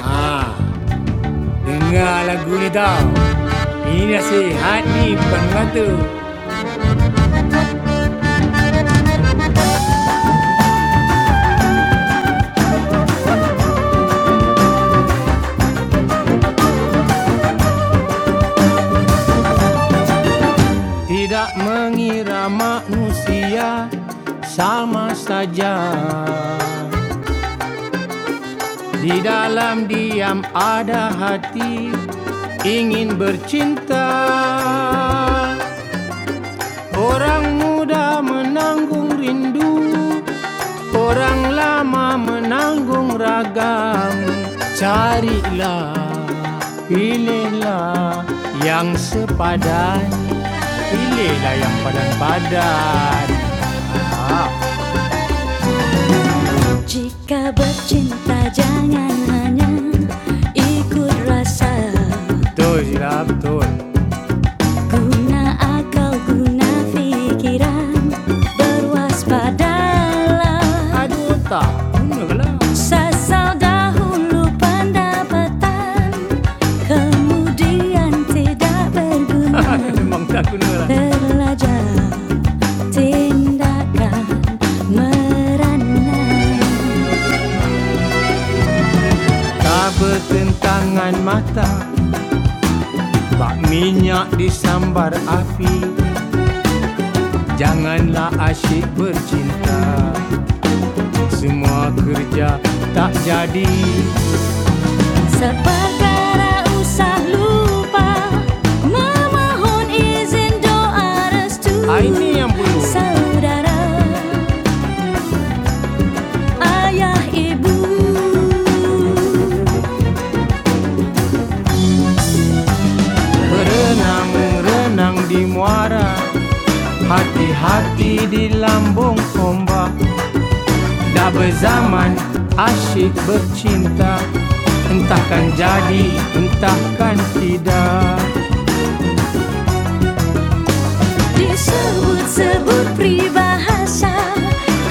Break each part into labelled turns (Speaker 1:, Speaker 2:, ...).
Speaker 1: Ah, dengar lagu ni tau. Ini nasihat Ipan Batu. Tidak mengira manusia sama saja Di dalam diam ada hati ingin bercinta Orang muda menanggung rindu Orang lama menanggung ragam Carilah, pilihlah yang sepadan Pilihlah yang padan-padan ah. Jika bercinta jangan hanya ikut rasa Betul, Zila, betul Guna akal, guna pikiran Berwaspadalah Aduh tak, bener lah. Sasal dahulu pendapatan Kemudian tidak berguna Memang tak guna lah. Terlajar tindakan merana Tak bertentangan mata Bak minyak disambar api Janganlah asyik bercinta Semua kerja tak jadi Seperkara usah lupa Memohon izin doa restu Ah, ini yang perlu. Saudara, ayah, ibu Berenang, renang di muara Hati-hati di lambung ombak Dah berzaman asyik bercinta Entahkan jadi, entahkan tidak Disebut-sebut peribahasa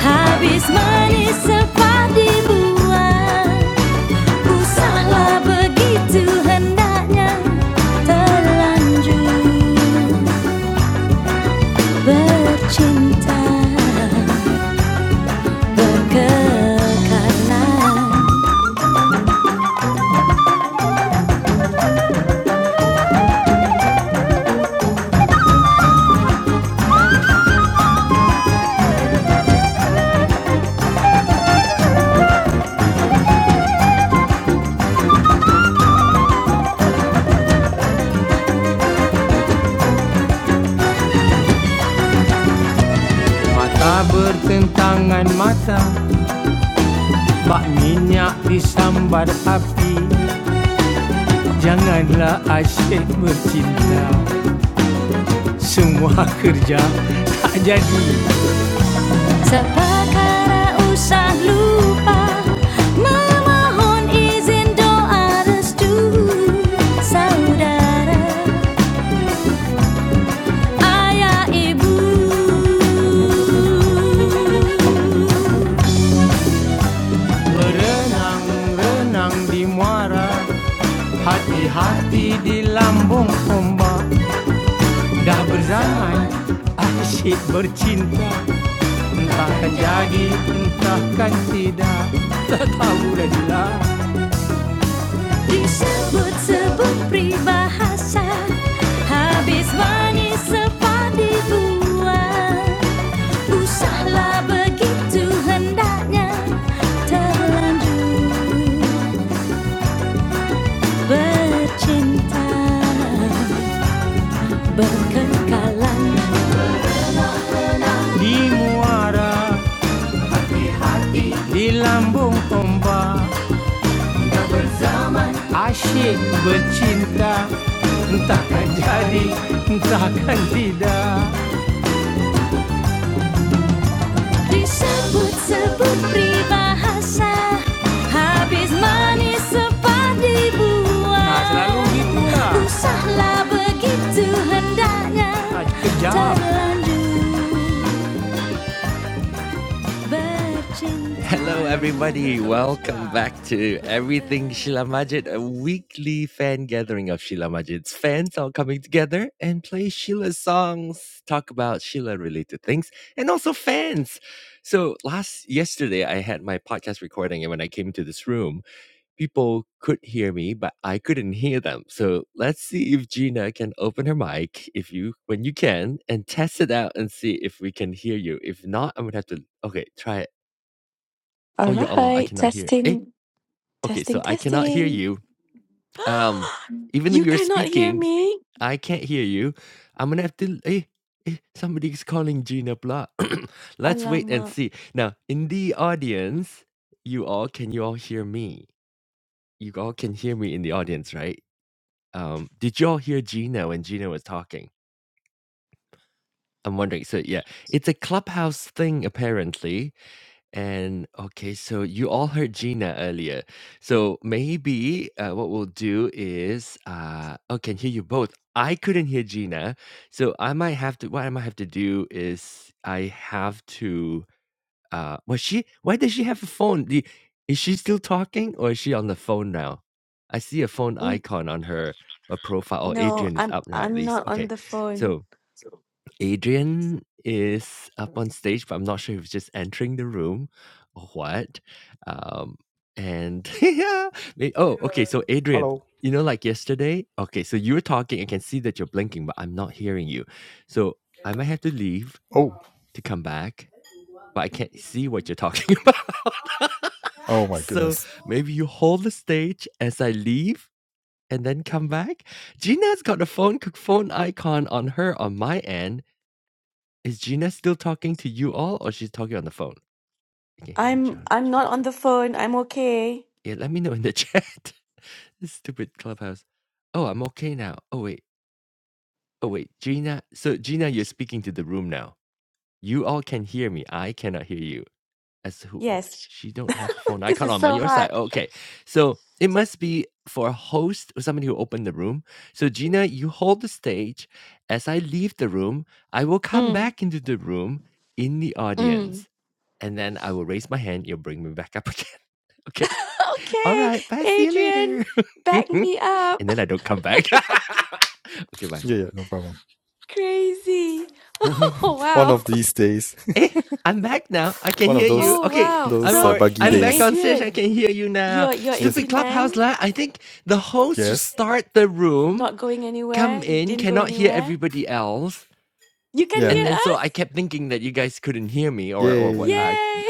Speaker 1: Habis manis sempat dibuang Usahlah begitu hendaknya Terlanjur bercinta Berkekalan Mata bertentangan mata Pak minyak disambar api Janganlah asyik bercinta Semua kerja tak jadi Sepakara usah lupa Memohon izin doa restu Saudara, ayah, ibu Berenang-renang di muara Hati-hati di lambung ombak Dah berzaman asyik bercinta Entahkan jadi, entahkan tidak Tak tahu dah jelas Disebut-sebut peribahasa Habis manis sepadi buah Usahlah begitu hendaknya Terlanjur bercinta berkengkalan Di muara, di lambung ombak Asyik bercinta Entahkan jadi, entahkan tidak disebut-sebut peribahasa habis manis sepadi buah Nah, selalu gitu lah. usahlah begitu hendaknya Ah, kejam. terlanjur bercinta
Speaker 2: All right, testing, testing, testing. you cannot hear me? Alama. Mm, No, I'm I'm not on the phone.
Speaker 3: Hello. Oh, oh my goodness.
Speaker 2: I'm I'm not on the phone. I'm okay. Yes. This is so hot. Mm, mm. Okay, Adrian, back me up.
Speaker 3: Yeah, yeah, no problem.
Speaker 2: Crazy. Oh
Speaker 3: One
Speaker 2: wow.
Speaker 3: of these days, one of those
Speaker 2: Oh wow.
Speaker 3: those uh,
Speaker 2: So,
Speaker 3: buggy
Speaker 2: hey
Speaker 3: days.
Speaker 2: Adrian, you're you're in
Speaker 3: Yes,
Speaker 2: Penang,
Speaker 3: yes,
Speaker 2: not going anywhere, didn't go anywhere? You can
Speaker 3: yeah,
Speaker 2: hear us?
Speaker 3: yay.
Speaker 2: Yay!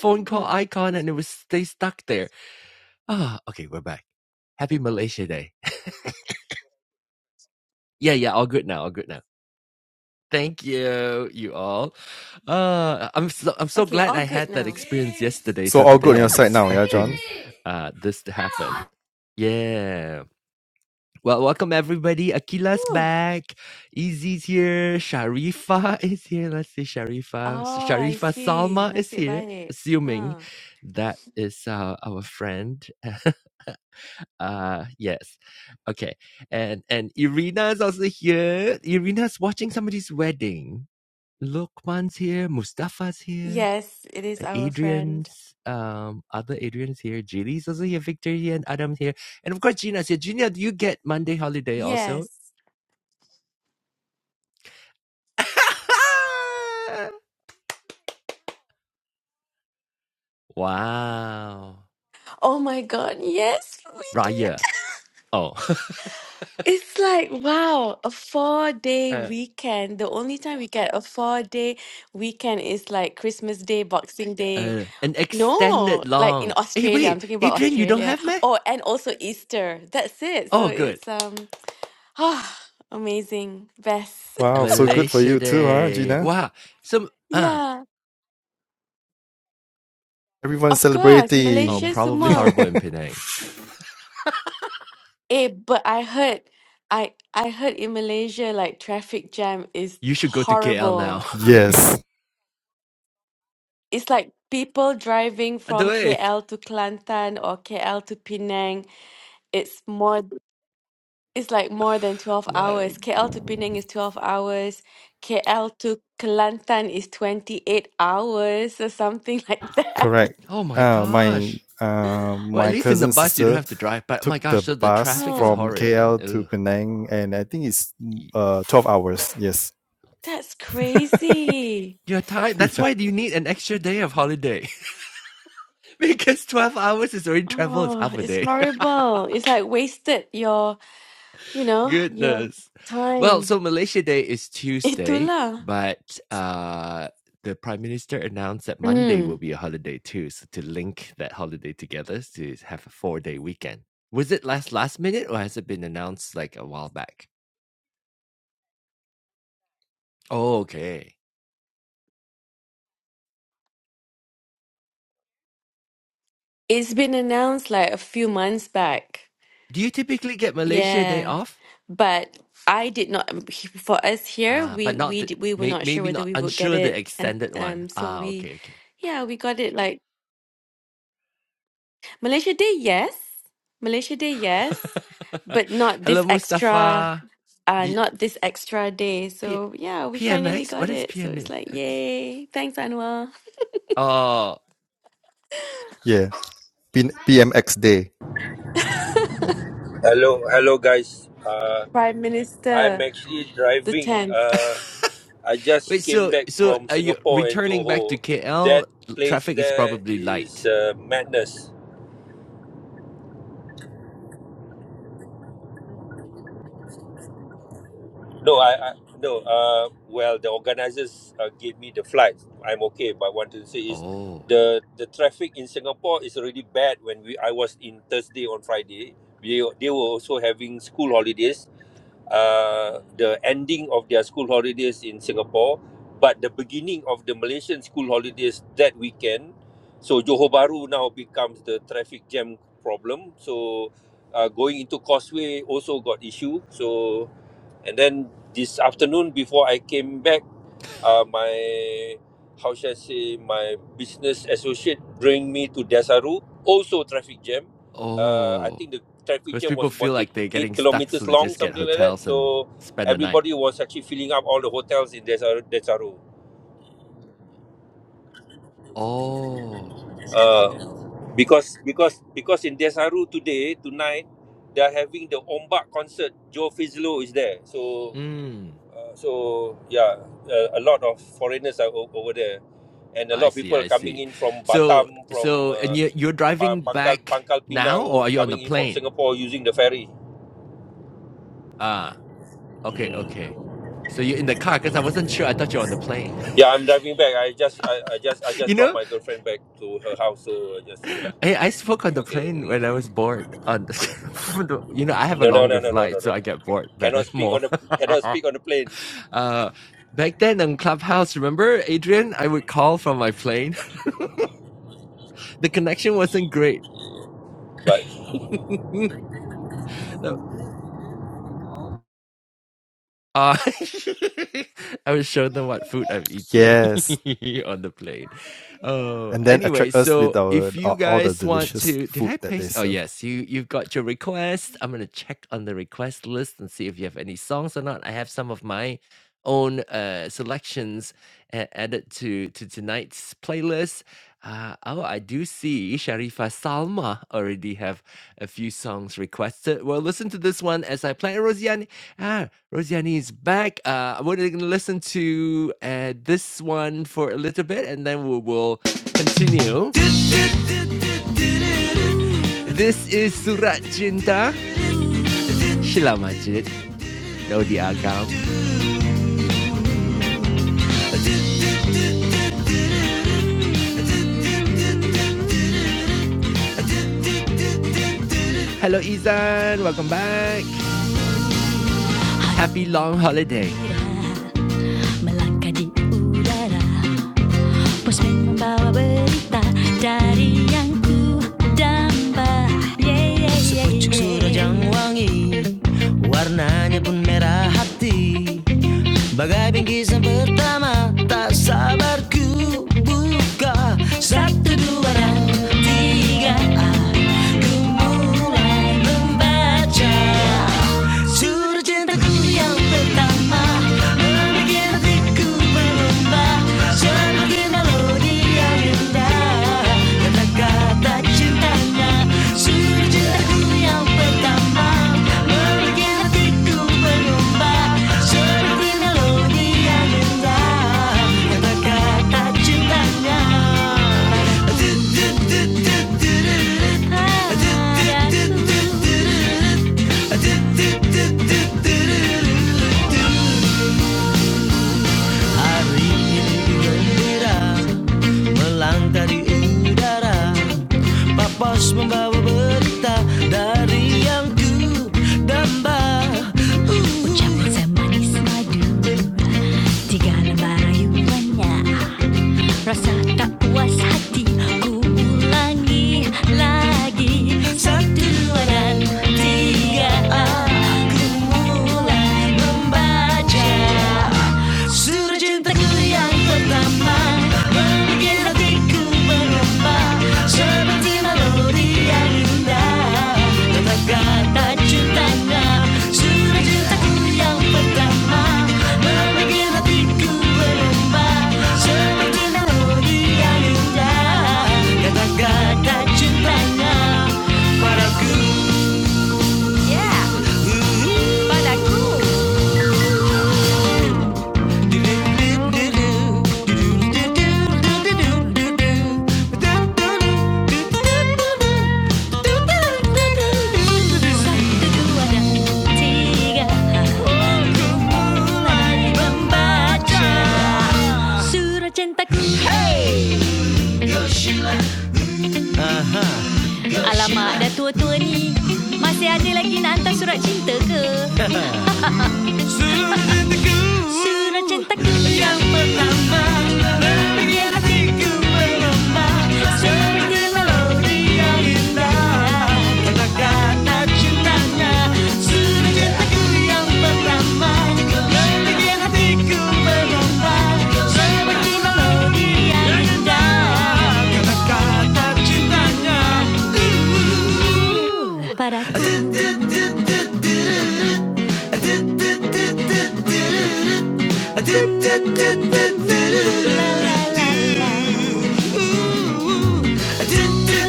Speaker 2: Hmm. Okay, all good now.
Speaker 3: So all good on your side now, yeah, John.
Speaker 2: Whew. Oh, I see. Nasib baik. Huh. Yes, it is our friend. Yes. Oh my God. Yes, we did. It's like, wow, a four day weekend. The only time we get a four day weekend is like Christmas Day, Boxing Day. No, like in Australia. I'm talking about Australia. Oh, and also Easter. That's it. So it's um Ah, amazing. Best.
Speaker 3: Wow, so good for you too, huh, Gina?
Speaker 2: Yeah,
Speaker 3: Everyone's
Speaker 2: of course. Malaysia
Speaker 3: celebrating.
Speaker 2: semua. Eh, but I heard I I heard in Malaysia like traffic jam is horrible.
Speaker 3: Yes,
Speaker 2: It's like people driving from KL to Kelantan or KL to Penang. It's more it's like more than 12 hours. KL to Penang is 12 hours. KL to Kelantan is 28 hours or something like that.
Speaker 3: correct. Uh, my uh, my cousin's sister took the bus
Speaker 2: Huh.
Speaker 3: from KL to Penang, and I think it's mm, uh twelve hours. Yes,
Speaker 2: That's crazy.
Speaker 3: yeah,
Speaker 2: Oh, it's horrible. It's like wasted your, you know, your time. Itulah. Mm. It's been announced like a few months back. Yeah. But I did not, for us here, we we d- we were not sure whether we would get it. And um so we yeah, we got it like Malaysia Day, yes. Malaysia Day, yes. But not this extra. uh not this extra day. So yeah, we finally got it. So it's like yay. Thanks, Anwar.
Speaker 3: yeah. P- PMX day.
Speaker 4: Hello, hello, guys. Uh,
Speaker 2: Prime
Speaker 4: I'm
Speaker 2: Minister,
Speaker 4: actually
Speaker 2: the
Speaker 4: driving.
Speaker 2: 10th.
Speaker 4: Uh, I just came back from Singapore and Johor. That place there is uh, madness. No, I, I no. Uh, well, the organizers uh, gave me the flight. I'm okay, but what to say is, the the traffic in Singapore is already bad. When we I was in Thursday on Friday, we they were also having school holidays. uh, the ending of their school holidays in Singapore, but the beginning of the Malaysian school holidays that weekend. So Johor Bahru now becomes the traffic jam problem. So uh, going into Causeway also got issue. So and then this afternoon before I came back. Uh, my how should I say my business associate bring me to Desaru. also traffic jam. Uh, I think the traffic jam was about eight eight kilometers long, something like that. So everybody was actually filling up all the hotels in Desaru. Desaru. Uh, because because because in Desaru today tonight they are having the Ombak concert. Joe Fizlo is there, so Uh, so yeah, uh, a lot of foreigners are o- over there, and a lot of people are coming in from Batam, from uh, Pa- Pangkal Pangkal Pinang, coming in from Singapore using the ferry. Mm. Yeah, I'm driving back. I just I, I just I just dropped my girlfriend back to her house. So I just do Okay. No no no no no no no. Cannot speak on the cannot speak on the plane. But
Speaker 3: Yes, and then attract us with our, our all the delicious food that they serve.
Speaker 1: melangkah di udara Postman membawa berita dari yang ku damba yeah, yeah, yeah, Sepucuk yeah. yang wangi Warnanya pun merah hati Bagai bingkisan pertama Tak sabar ku buka Satu dua dan tiga Aku mulai membaca Surgente yang pertama Membikin hatiku berlomba seperti melodi yang indah Cintanya Surgente yang pertama Membikin hatiku berlomba seperti melodi yang indah Kata-kata cintanya Ah, ah, ah. Hari ini gembira Melangkah di udara Pak Pos membawa berita Dari yang ku damba uh. Ucapan semanis madu Tiga lembar rayuannya Rasa tak puas hati Ku ulangi lagi Satu, dua, dan tiga Aku mulai membaca Surat cintaku yang pertama Membuat hatiku berlomba Padaku, Yeah, padaku. Surah cintaku Alamak dah tua-tua ni Masih ada lagi nak hantar surat cinta ke? Padaku Malamku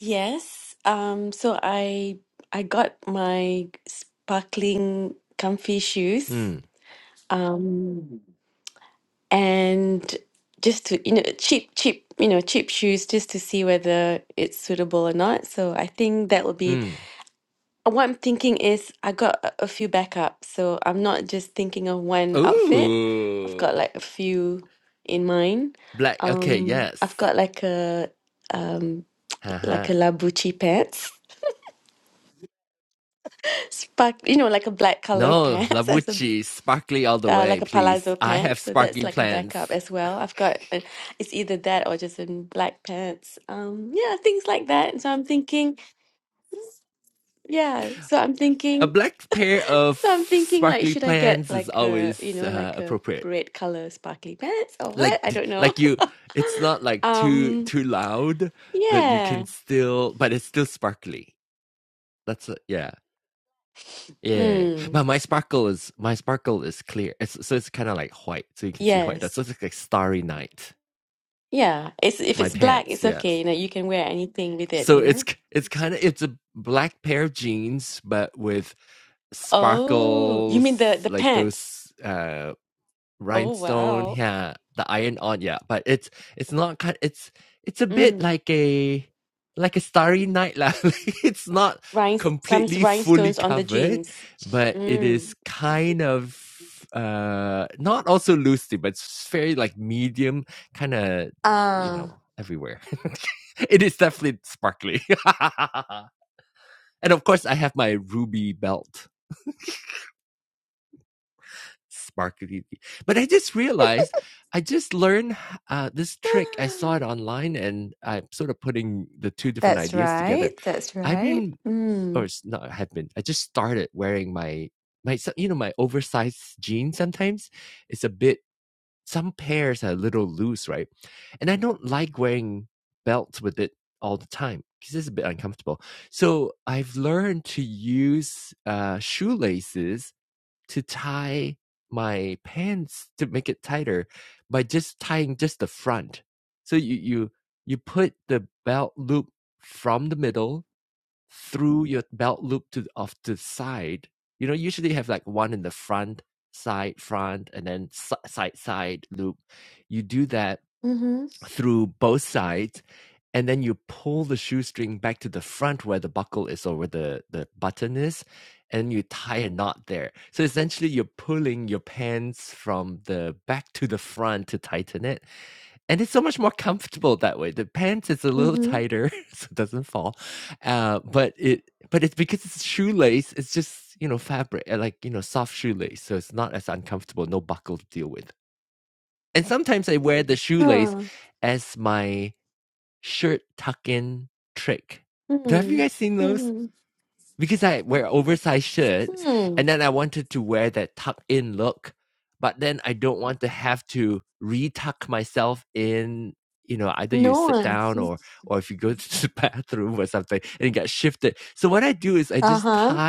Speaker 2: Yes. Um so I I got my sparkling comfy shoes. Um and just to you know cheap cheap you know cheap shoes just to see whether it's suitable or not. So I think that will be what I'm thinking is I got a a few backups, so I'm not just thinking of one outfit. I've got like a few in mind. Um, I've got like a um like a labucci pants, spark, you know, like a black color pants as a uh, like a palazzo pants. So that's like a backup as well. I've got uh, it's either that or just in black pants. Um, yeah, things like that. So I'm thinking, yeah. So I'm thinking. So I'm thinking like should I get like a you know like a red color sparkly pants or what? I don't know. Um yeah. Mm. Yes. Yeah. It's if it's black, it's okay. You know, you can wear anything with it, you know? Oh, you mean the the pants. Oh wow. Mm. Rhine some rhinestones on the jeans. Mm. Ah. That's right. That's right. Mm. Mm-hmm. Mm-hmm. Huh. Hmm. Hmm. Hmm. No. Uh huh.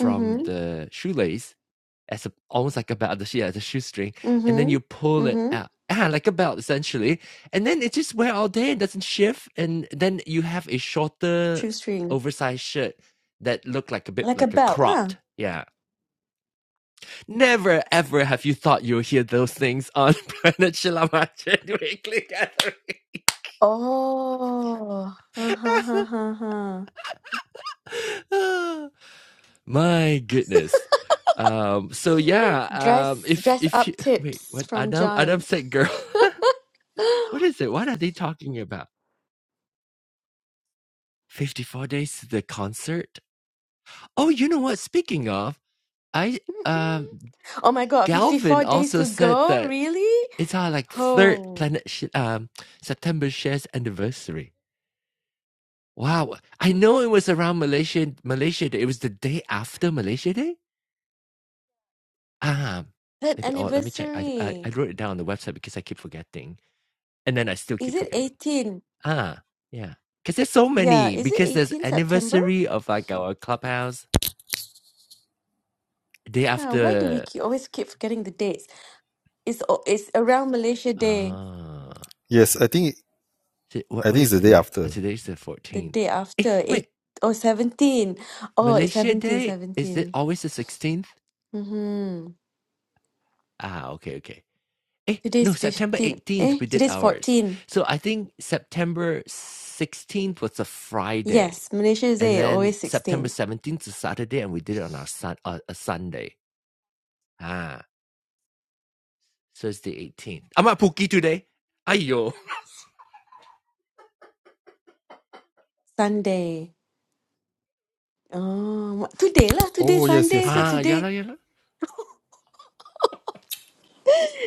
Speaker 2: Mm-hmm. Mm-hmm. Mm-hmm. Shoestring. Like a belt, lah. Oh. Uh huh. Uh huh. Uh huh. Dress. Dress up tips from John. oh my God! Fifty-four days to go. Really? Oh, that anniversary. Is it eighteen? Yeah. Is it eighteen September? Yeah. Why do we keep, always keep forgetting the dates? It's o- it's around Malaysia Day,
Speaker 3: Yes, I think I think it's the day after.
Speaker 2: the day after eight or 17. Oh, it's seventeen, seventeen. 17. Mm-hmm. Today's 15. Eh, today's 14. Yes, Malaysia Day, always 16. Sunday. Oh, wha- today lah, today
Speaker 3: Oh yes,
Speaker 2: Sunday.
Speaker 3: yes,
Speaker 2: So
Speaker 3: yes.
Speaker 2: today,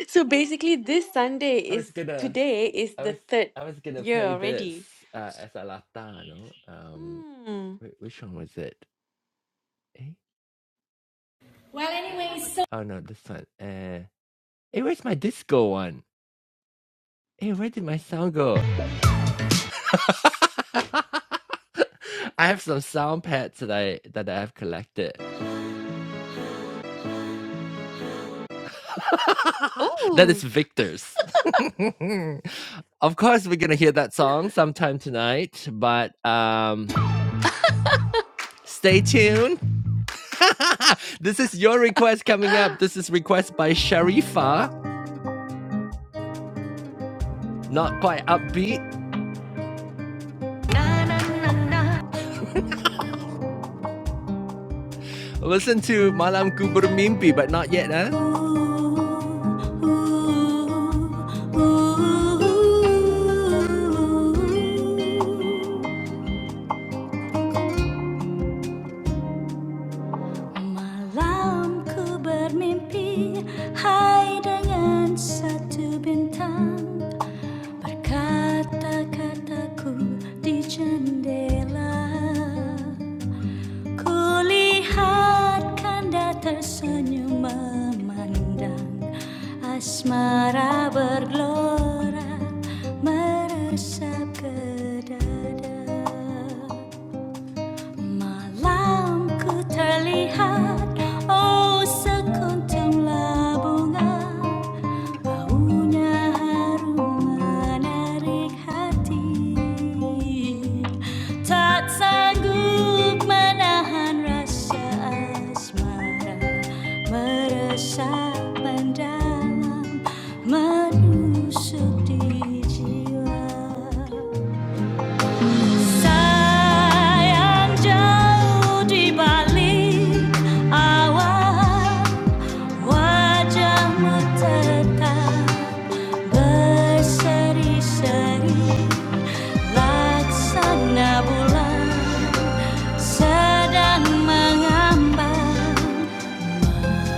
Speaker 2: so basically this Sunday is today is the third year already. Hmm. Oh.
Speaker 1: bermimpi Hai dengan satu bintang Berkata-kataku di jendela Kulihat kanda tersenyum memandang Asmara bergelora meresap ke dada Malamku terlihat oh sekuntum labungan Maunya harum menarik hati Tak sanggup menahan rasa asmara Meresap mendalam menusuk di jiwa Sayang jauh di balik awan Wajahmu tetap berseri-seri Laksana bulan sedang mengambang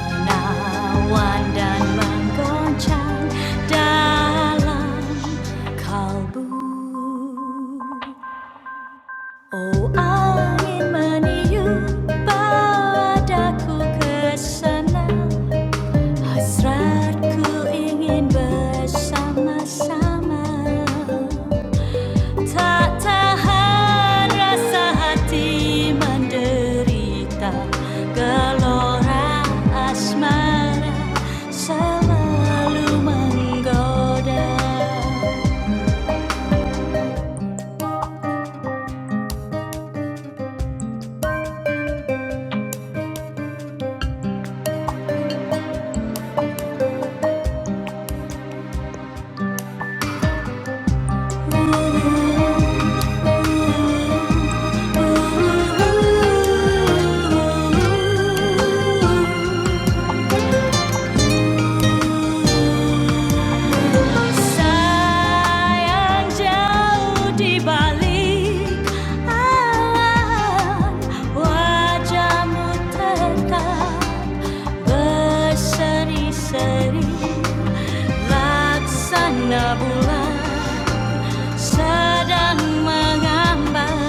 Speaker 1: Nawan dan menggoncang dalam kalbu Oh angin meniup bawa padaku kesana Hasratku ingin bersama-sama Tak tahan rasa hati menderita Gelora asmara selalu menggoda Sayang jauh di balik awan, wajahmu tetap berseri-seri laksana bulan sedang mengambang,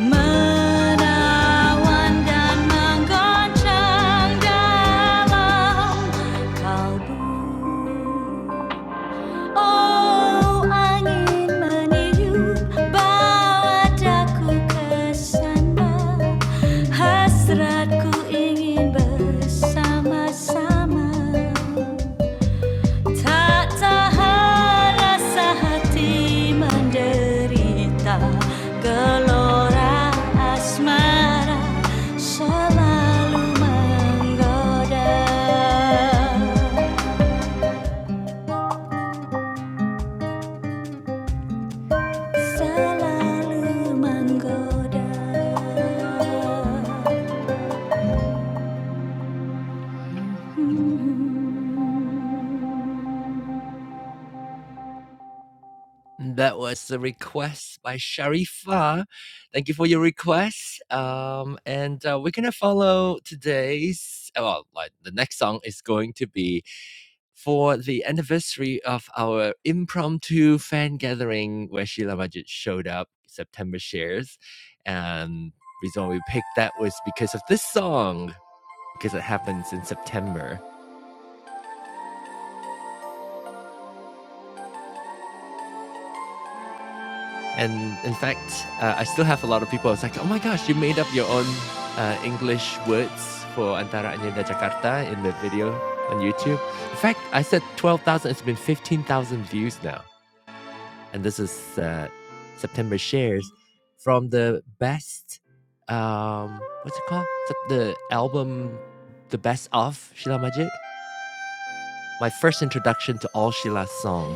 Speaker 1: menawan dan menggoncang dalam kalbu. Oh angin meniup bawa daku ke sana, hasratku ingin bersama-sama. Tak tahan rasa hati menderita Gelora asmara selalu menggoda Selalu menggoda Hmm.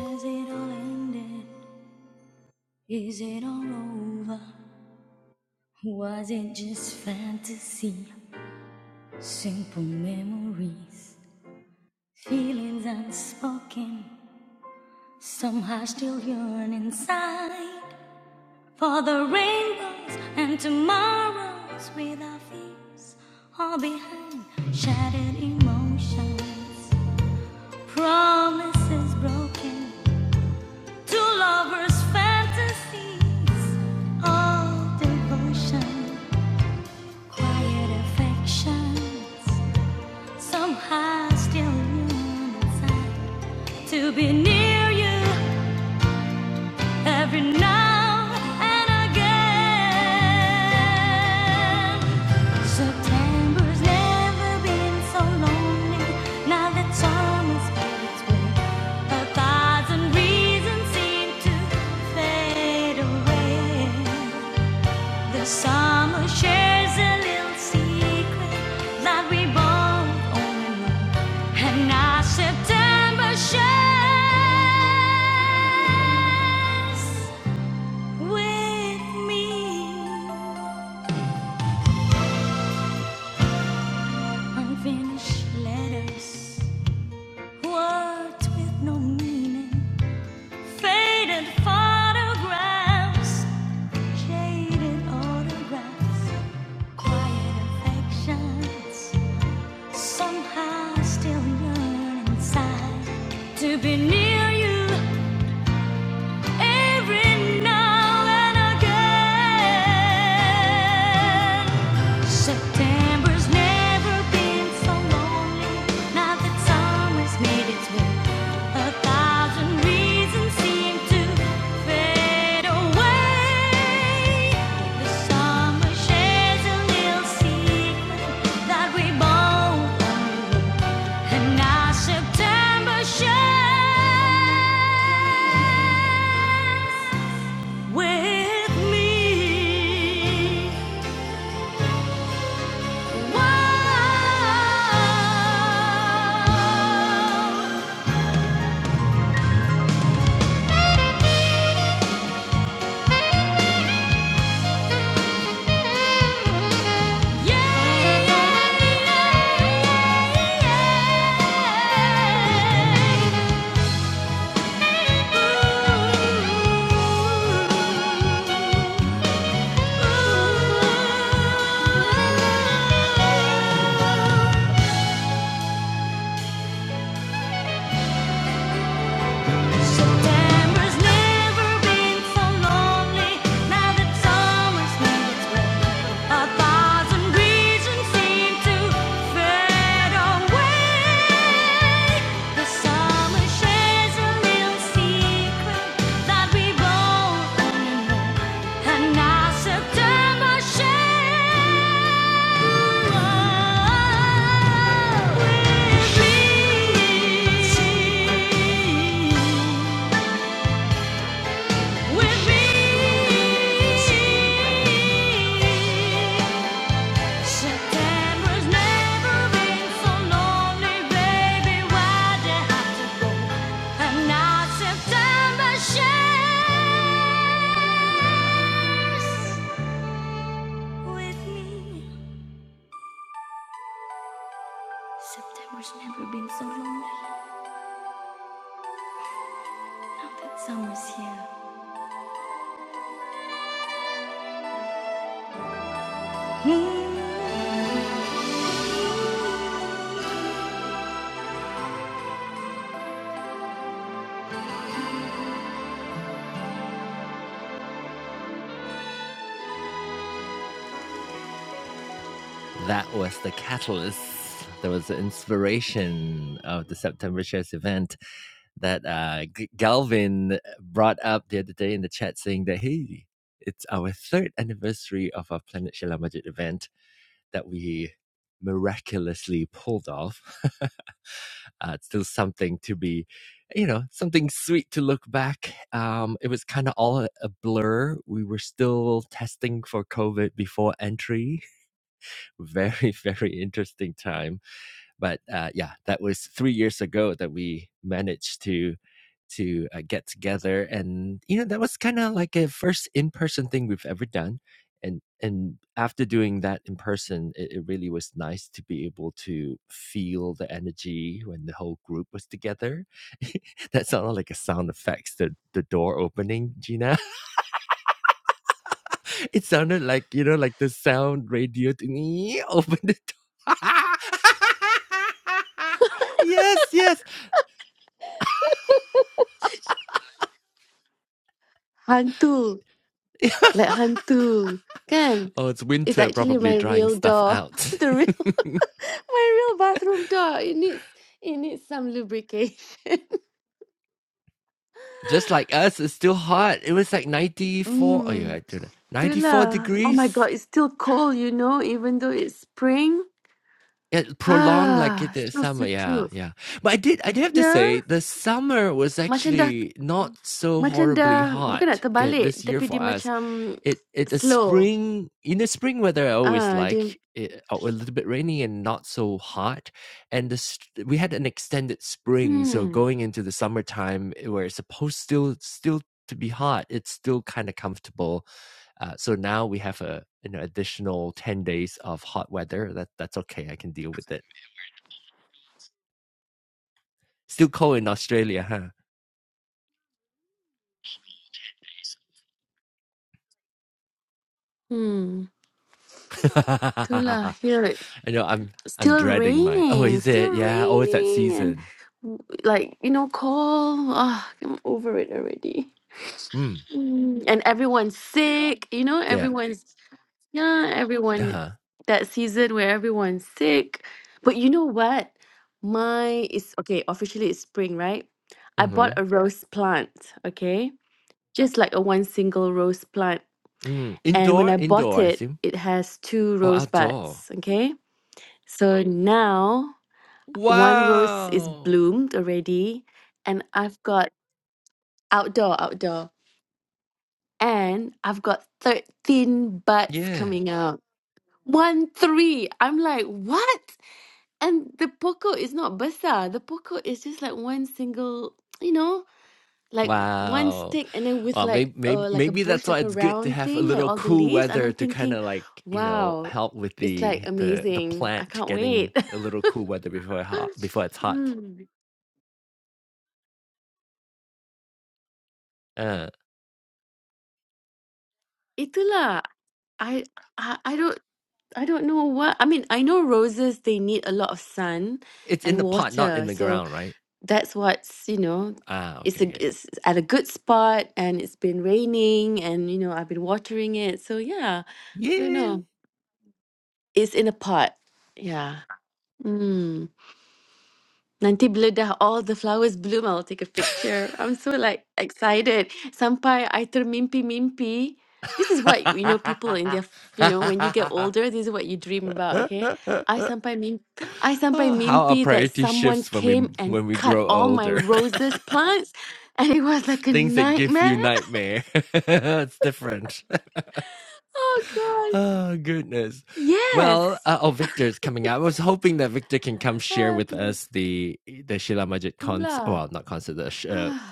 Speaker 1: Has it all ended? Is it all over? Was it just fantasy? Simple memories Feelings unspoken, somehow still yearn inside for the rainbows and tomorrows with our fears all behind shattered emotions, promises broken, two lovers' fantasies, all devotion, quiet affections, somehow still yearn inside to be near you. every now and again. September's never been so lonely. Now that summer's made its way, a thousand reasons seem to fade away. The summer shares a little secret that we both only know, and now September shares with me. Unfinished letters, words with no meaning, faded photographs, jaded autographs, quiet affections. Somehow still yearn inside to be near you. every now and again. September's never been so lonely. Now that summer's made its way, a thousand reasons seem to fade away. The summer shares a little secret that we both, and now September shares with me. September's never been so lonely now that summer's near. A thousand reasons seem to fade away. The summer shares a little secret that we both only know, and now September shares with me, with me. September's never been so lonely, baby. Why they have to have now September shares with me? September's never been so lonely. Now that summer's here. Hmm.
Speaker 2: Hantu. Like hantu. Kan? It's actually my real door. the real my real bathroom door. It needs it needs some lubrication. Mm, itulah. Oh my god, it's still cold, you know, even though it's spring. Ah, still sejuk. Yeah, macam dah macam dah bukan nak terbalik, tapi dia macam slow. Ah, dia hmm. Hmm, itulah. Here still raining, still raining, and w- like you know, cold. Ah, I'm over it already. Mm. And everyone's sick. You know, everyone's yeah, everyone that season where everyone's sick. But you know what? My is okay. Officially, it's spring, right? I bought a rose plant. Okay, just like a one single rose plant. And when I bought it, it has two rose buds. Okay. So now one rose is bloomed already and i've got outdoor outdoor and i've got 13 buds coming out one three i'm like what and the poco is not besar the poco is just like one single you know like Yeah. one stick and then with like uh like a bush like a round thing like all the leaves and i'm thinking wow it's like amazing i can't wait hmm. itulah i I I don't I don't know what I mean. I know roses they need a lot of sun and water, so that's what's you know. It's a it's at a good spot, and it's been raining, and you know I've been watering it. So yeah, I don't know. It's in a pot. Yeah. Mm. Nanti bila dah all the flowers bloom, I'll take a picture. I'm so like excited. Sampai I termimpi-mimpi. This is what, you know, people in their, f- you know, when you get older, this is what you dream about, okay? I sampai mim, I sampai mimpi that someone came and cut all my roses plants. And it was like a nightmare. Oh God. Yes. Aduh, itulah.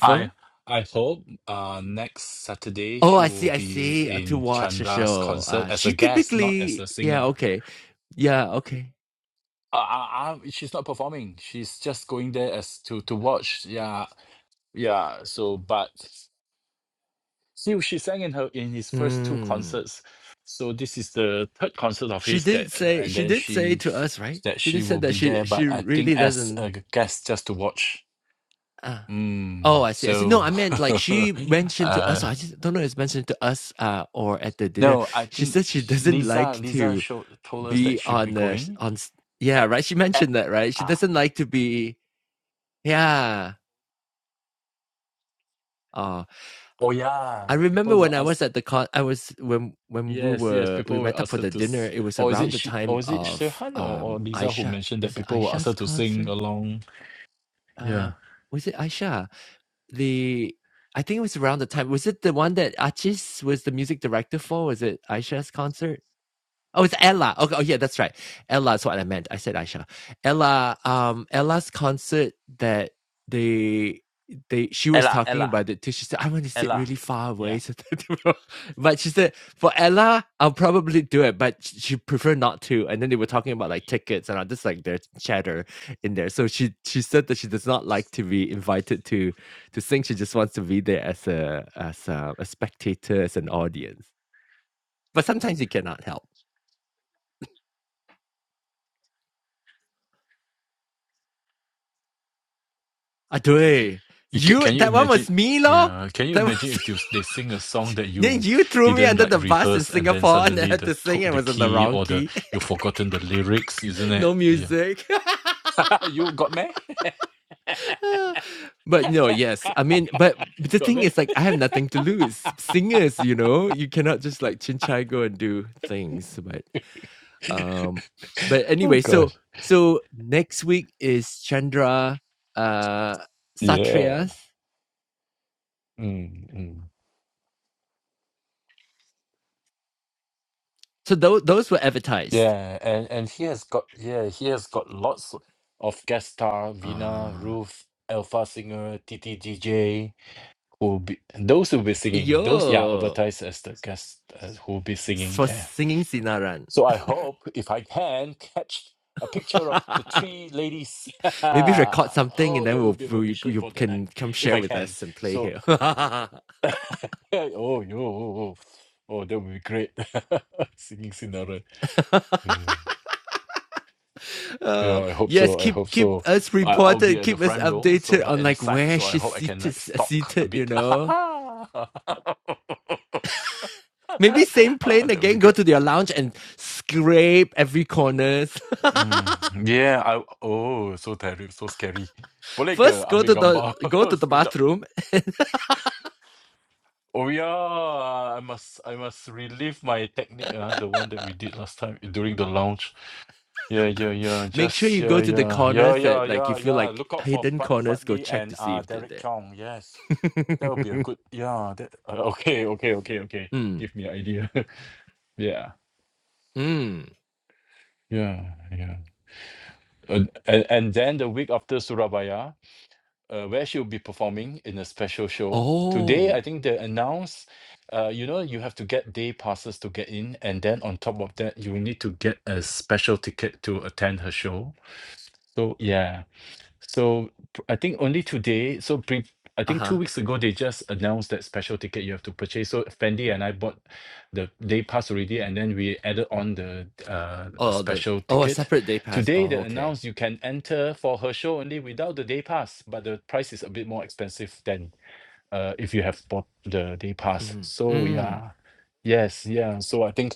Speaker 5: I I hope uh next Saturday she will be in Chandra's concert as a guest, not as a singer. Uh, uh, uh, she's not performing. She's just going there as to to watch. Yeah, yeah. So, but see, she sang in her in his first two concerts. So this is the third concert of his that, and then she that she will be there. But I think as a guest, just to watch. Mm, so, uh, No, I think sh- Lisa Lisa showed told us that she'll be going. At, at, ah, oh yeah, people will ask. Yes, yes, people will ask her to. s- Or is it she? Or is it Sirhan or, or Lisa who mentioned that people will ask her to sing along? Yeah, Ella, Ella, Ella. Yeah. You can, can you imagine? Yeah, can you imagine if they, s- they sing a song that you didn't like rehearse and then suddenly the took the key or the you've forgotten the lyrics, isn't it? Yeah. you got me? got me? Oh God. Yeah. mm mm. Yeah, and and he has got yeah, he has got lots of guest star Vina, Ruth, Alpha Singer, TTGJ, who be those who will be singing. Those yeah, advertised as the guest uh, who will be singing there. So I hope if I can catch a picture of the three ladies. oh, that would be my mission for that night if I can. So Yeah, Oh, yo, oh, oh, oh, that would be great. Singing Cinderella. Yeah. yeah, I hope so. I hope so. I, I'll be at the front row, so but at the side, so I hope I can like stalk a bit. Ah, that would be great. Mm, yeah, I oh, so terrible, so scary. Boleh ke ambil gambar without Oh yeah, I must I must relive my technique, uh, the one that we did last time during the lounge. Yeah, yeah, yeah. Just yeah, yeah, yeah, yeah, yeah, yeah. Look out for Frat Fratly and uh Derek Chong. Yes, that would be a good. Yeah. That uh, okay, okay, okay, okay. Give me an idea. yeah, yeah, yeah. And, and and then the week after Surabaya, uh, where she'll be performing in a special show. Today, I think they announced. Uh, you know, you have to get day passes to get in, and then on top of that, you need to get a special ticket to attend her show. So yeah, So p- I think only today, so pre I think two weeks ago they just announced that special ticket you have to purchase. So Fendi and I bought the day pass already, and then we added on the uh special ticket. Today they announced you can enter for her show only without the day pass, but the price is a bit more expensive than uh if you have bought the day pass. So yeah. Yes, yeah. So I think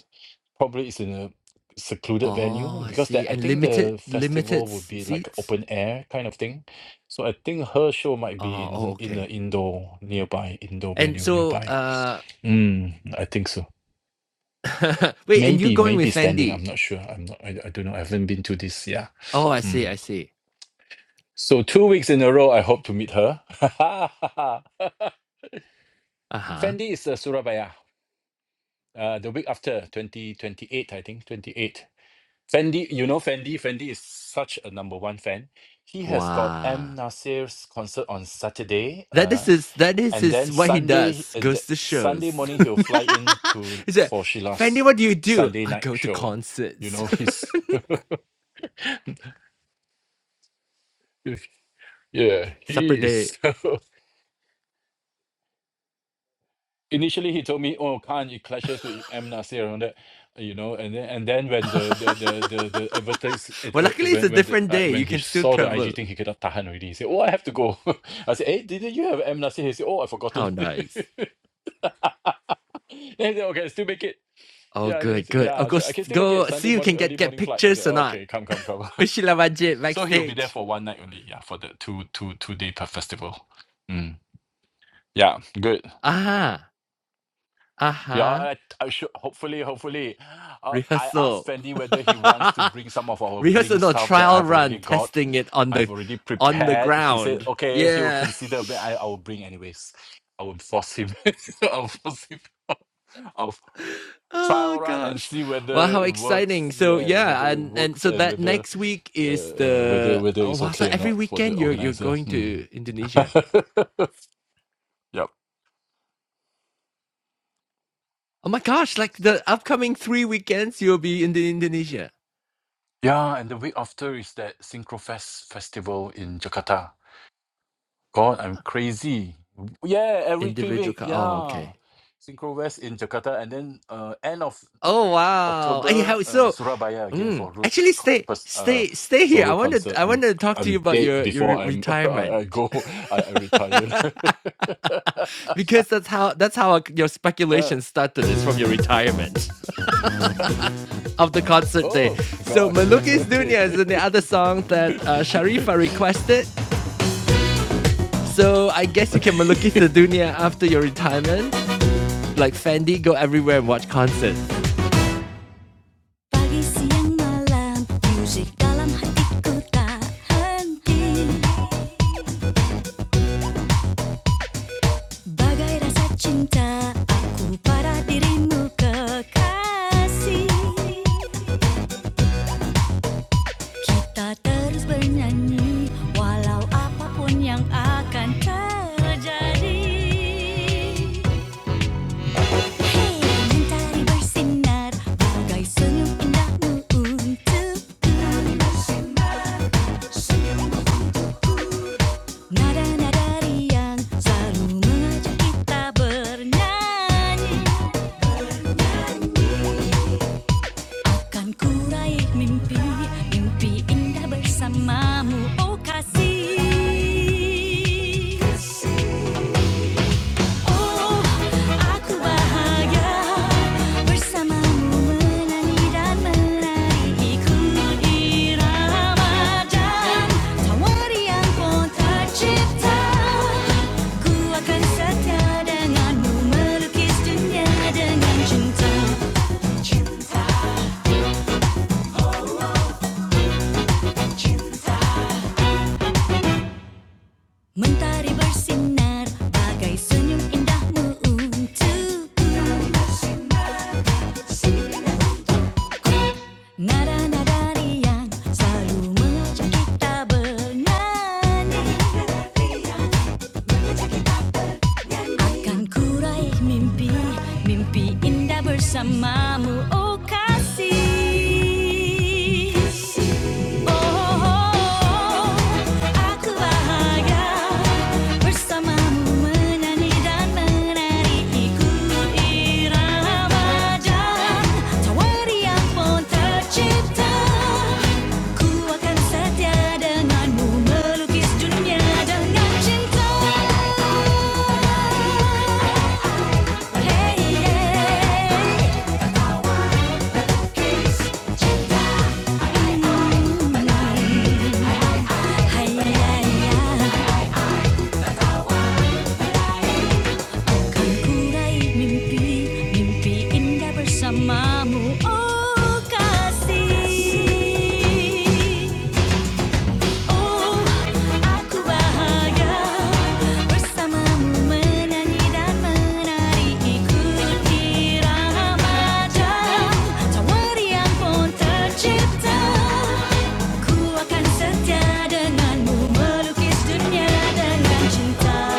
Speaker 5: Probably it's in a secluded venue because that I think the festival would be like open air kind of thing. So I think her show might be in in a indoor nearby, indoor venue nearby. Mm, I think so. Maybe, maybe standing. I'm not sure. I'm not. I, I don't know. I haven't been to this. Yeah. Mm. So two weeks in a row, I hope to meet her. Fendi is uh, Surabaya. Uh, the week after, 2028, I think. 28. Fendi, you know Fendi. Fendi is such a number one fan. He has got M Nasir's concert on Saturday, uh, and then Sunday, uh, the, Sunday morning he'll fly in to for Sheila's Sunday night show. You know he's yeah he is initially he told me, "Oh, Khan, it clashes with M Nasir and all that, you know." And then and then when the the the the, the advertise it, uh, when when the uh, when he saw the IG thing, he cannot tahan already. He said, "Oh, I have to go." I said, "Hey, didn't you have M Nasir?" He said, "Oh, I've forgotten." then he said, "Okay, still make it." Yeah, then he said, yeah. So I can still make it Sunday morning, early morning flight. I said, oh, okay, come, come, come. so he'll be there for one night only. Yeah, for the two, two, two day per festival. Mm. Yeah, good. Yeah, I, I should hopefully, hopefully. Uh, I asked Fendi whether he wants to bring some of our bling stuff that I've already got. I've already prepared. He said, okay, he will consider, but I, I will bring anyways. I will force him. I'll force him. I'll trial run and see whether it works. Yeah, whether it works and whether uh, uh, whether whether it's okay or not for the organizer. Mm. yep. Yeah, and the week after is that Synchrofest festival in Jakarta. God, I'm crazy. Yeah, every three week. Yeah, Synchro West in Jakarta, and then uh, end of October, uh, Surabaya again for Ruth's co- pers- uh, solo concert. I'm I'm dead before I'm I, I go. I, I retire. Uh, oh gosh. okay.
Speaker 1: Pagi siang malam, musik dalam hatiku tak henti. Bagai rasa cinta aku pada dirimu kekasih Kita terus bernyanyi walau apapun yang akan terjadi Hey, mentari bersinar bagai senyum indahmu untukku Nada-nada riang selalu mengajak kita bernyanyi Bernyanyi. Kan ku kurai mimpi, mimpi indah bersamamu, oh kasih. Oh, aku bahagia bersamamu menyanyi dan menari ikut irama dan tawari yang kau tercipta. Ku akan setia denganmu melukis dunia dengan cinta, cinta, cinta. Mentari bersinar bagai senyum indahmu untukku. Nada-nada riang selalu mengajak kita bernyanyi. Kan ku raih mimpi, mimpi indah bersamamu, oh kasih. Hey, yeah, hai hai Kulay mimpi, mimpi indah bersamamu Oh kasih Oh aku bahagia Bersamamu menyanyi dan menari Ikut irama jauh Tawari yang pun tercipta Ku akan setia denganmu Melukis dunia dengan cinta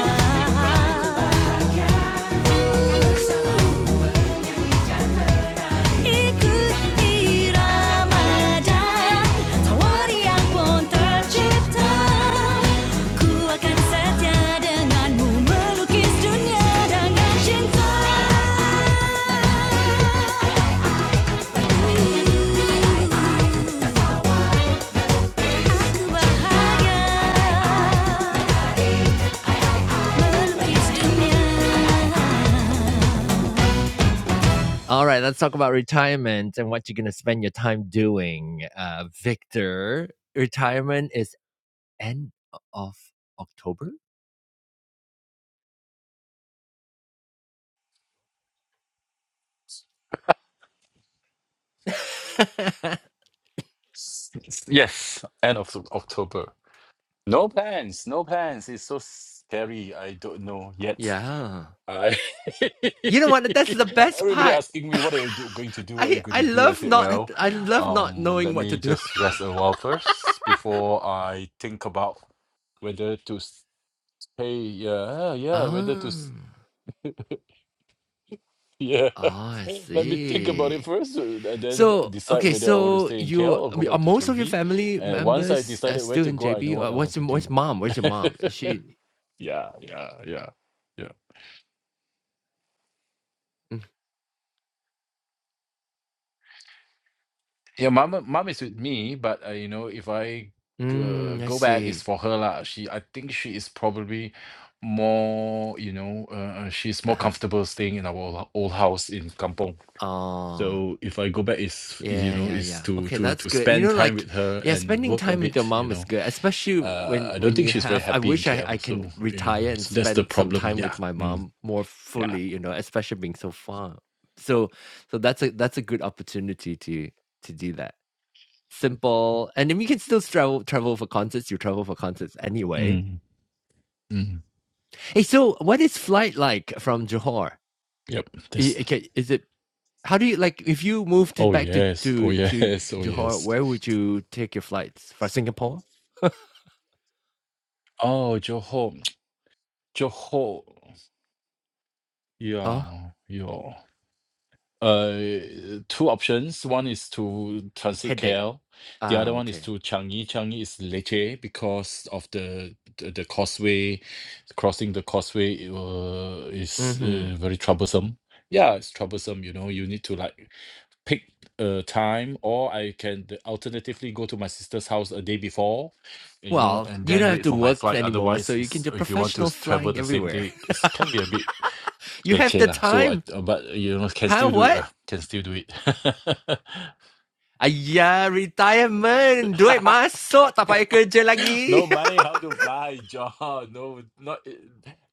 Speaker 1: Ikut irama dan yang pun tercipta. Ku akan setia denganmu melukis dunia dengan cinta. bahagia melukis dunia
Speaker 5: S- s- yes, end of October. No plans. No plans. It's so scary. I don't know yet. I everybody asking me what are you do, going to do, what are you going to do? I said, well, um, let me just rest a while first before I think about whether to stay. Yeah, yeah, whether to s- yeah. let me think about it first, uh, and then decide whether I want to stay in KL or go back to JB. And once I decided where to go, I know what I want to do. yeah, yeah, yeah, yeah. Yeah, mom. Mom is with me, but uh, you know, if I uh, go back, it's for her lah. She, I think she is probably more, you know, uh, uh, she's more comfortable staying in our old, old house in Kampong. So if I go back, is you know, is to to to spend time with her and work a bit. You know, uh, I don't think she's very happy in KL. So, um, so that's the problem. Yeah, mm, yeah, mm, mm. Yep. That's oh yes, oh yes, oh yes. Oh, Johor. Johor. Yeah, yeah. Uh, two options. One is to transit KL. The other one is to Changi. Changi is Lecce because of the the, the causeway. Crossing the causeway it, will- is uh, very troublesome. Yeah, it's troublesome. You know, you need to like pick a time, or I can d- alternatively go to my sister's house a day before you know, and then wait for my flight. Otherwise, it's if you want to s- travel the same day, it can be a bit leceh lah. So I uh, but uh, you know can still do it lah. Can still do it. no money how to fly, John. No, not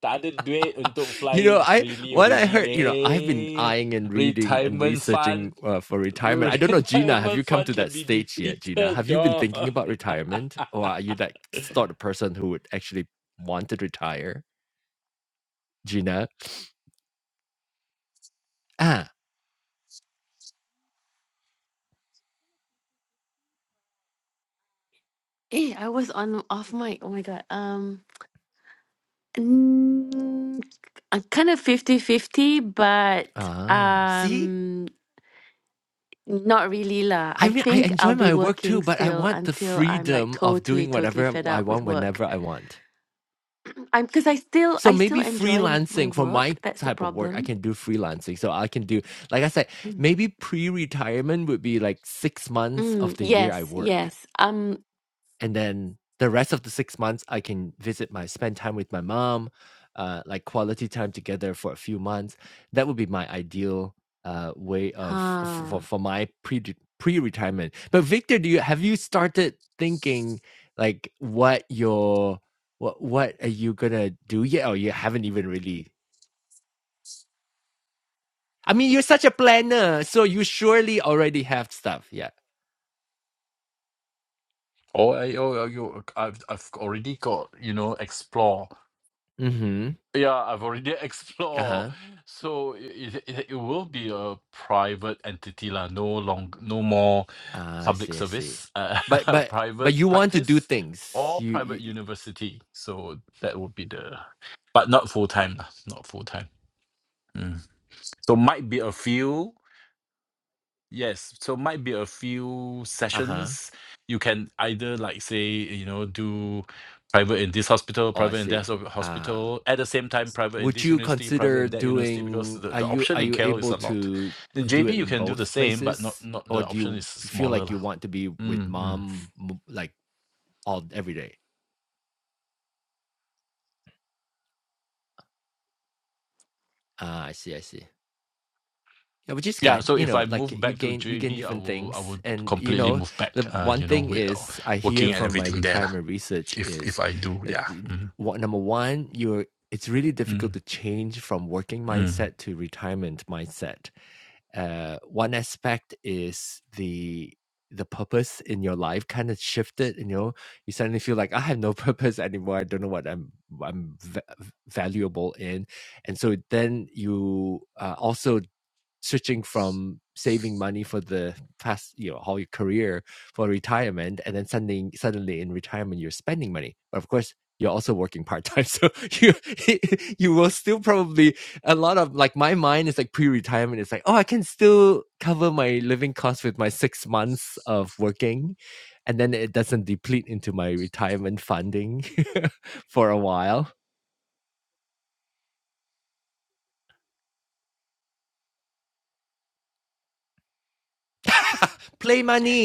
Speaker 5: tak ada duit untuk fly freely already leh. Retirement fund. Retirement fund can be depleted, John.
Speaker 2: Eh, I was on off mic. Oh my God. Um. Mm, I'm kind of fifty-fifty, but um, not really lah. I think I'll be working still until I'm like totally, totally fed up with work. I'm because I still, I still enjoy m- my work. That's the problem. Mm, Mm, yes, yes. Um, huh.
Speaker 5: oh, I, oh, you, I've, I've already got, you know, explore. Yeah, I've already explored. So it, it, it will be a private entity lah. No long, no more public service, uh, private practice or private university. So that would be the, but not full time lah, not full time. Mm. So might be a few Yes, so might be a few sessions. You can either like say, you know, do private in this hospital, private in that ho- hospital, at the same time, private in this university, private in that university, because the, the option in KL is a lot. In JB, you can do the same, but not not the option is smaller. lah. Mm, mm. Yeah, so if I move back to JB, I will I would completely move back, uh, you know, with uh, working and everything there. lah. If if I do, yeah. Mm, mm, mm.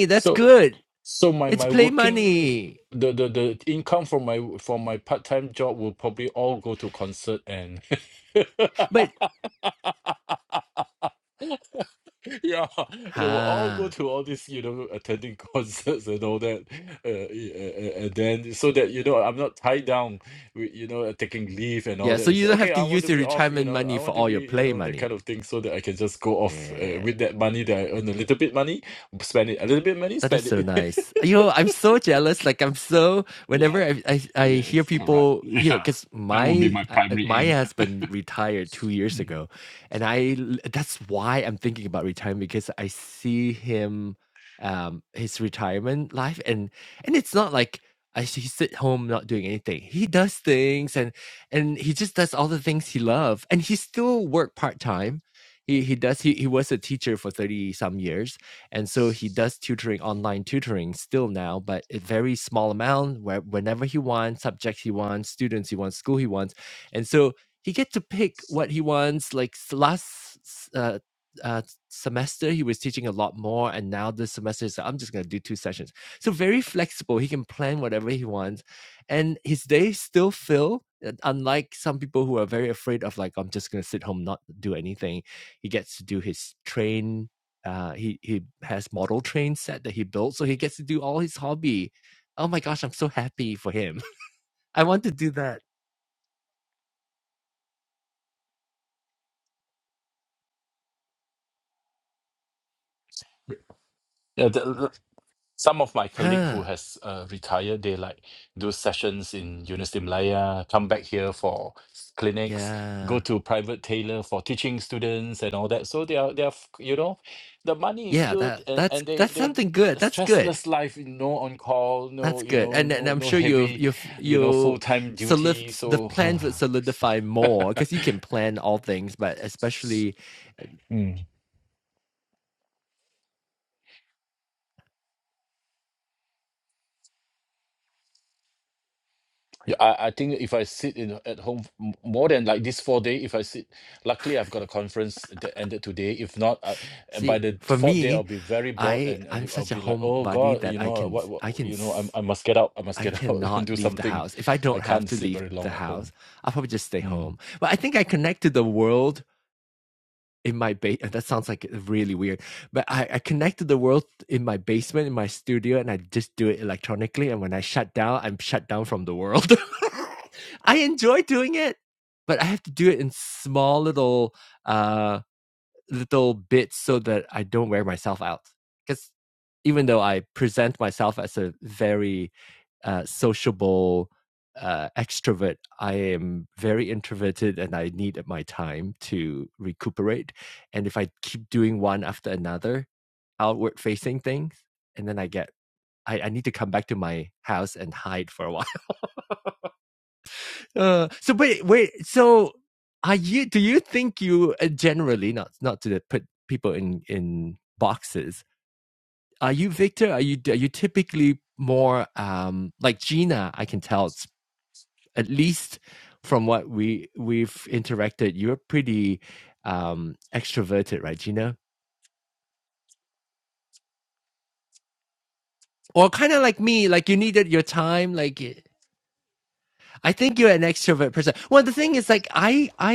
Speaker 5: So So my my working the the the income from my from my part-time job will probably all go to concert and yeah, they will all go to all this, you know, attending concerts and all that. Uh, y- uh, uh, and then so that you know I'm not tied down with you know uh, taking leave and all that. It's okay, I want to be off, you know, I want to be, you know, that kind of thing so that I can just go off uh, with that money that I earn a little bit money, spend it a little bit money, spend it. yeah. Yes, correct. Yeah, that would be my primary aim. Yeah, the, some of my colleague who has uh, retired, they like do sessions in University Malaya, come back here for s- clinics, go to private tailor for teaching students and all that. So they are they are f- you know, the money is good and, and they they stressless life, no on call, no you know no no heavy, you know, full time duty. So. Mm. Yeah, I, I think if I sit in at home f- m- more than like this four day, if I sit, luckily I've got a conference that ended today. If not, I, uh, by the fourth day I'll be very bored and I- I'll be like, oh God, you know uh, what, what you know, I I must get out, I must get out and do something. I can't sit very long at home. Mm.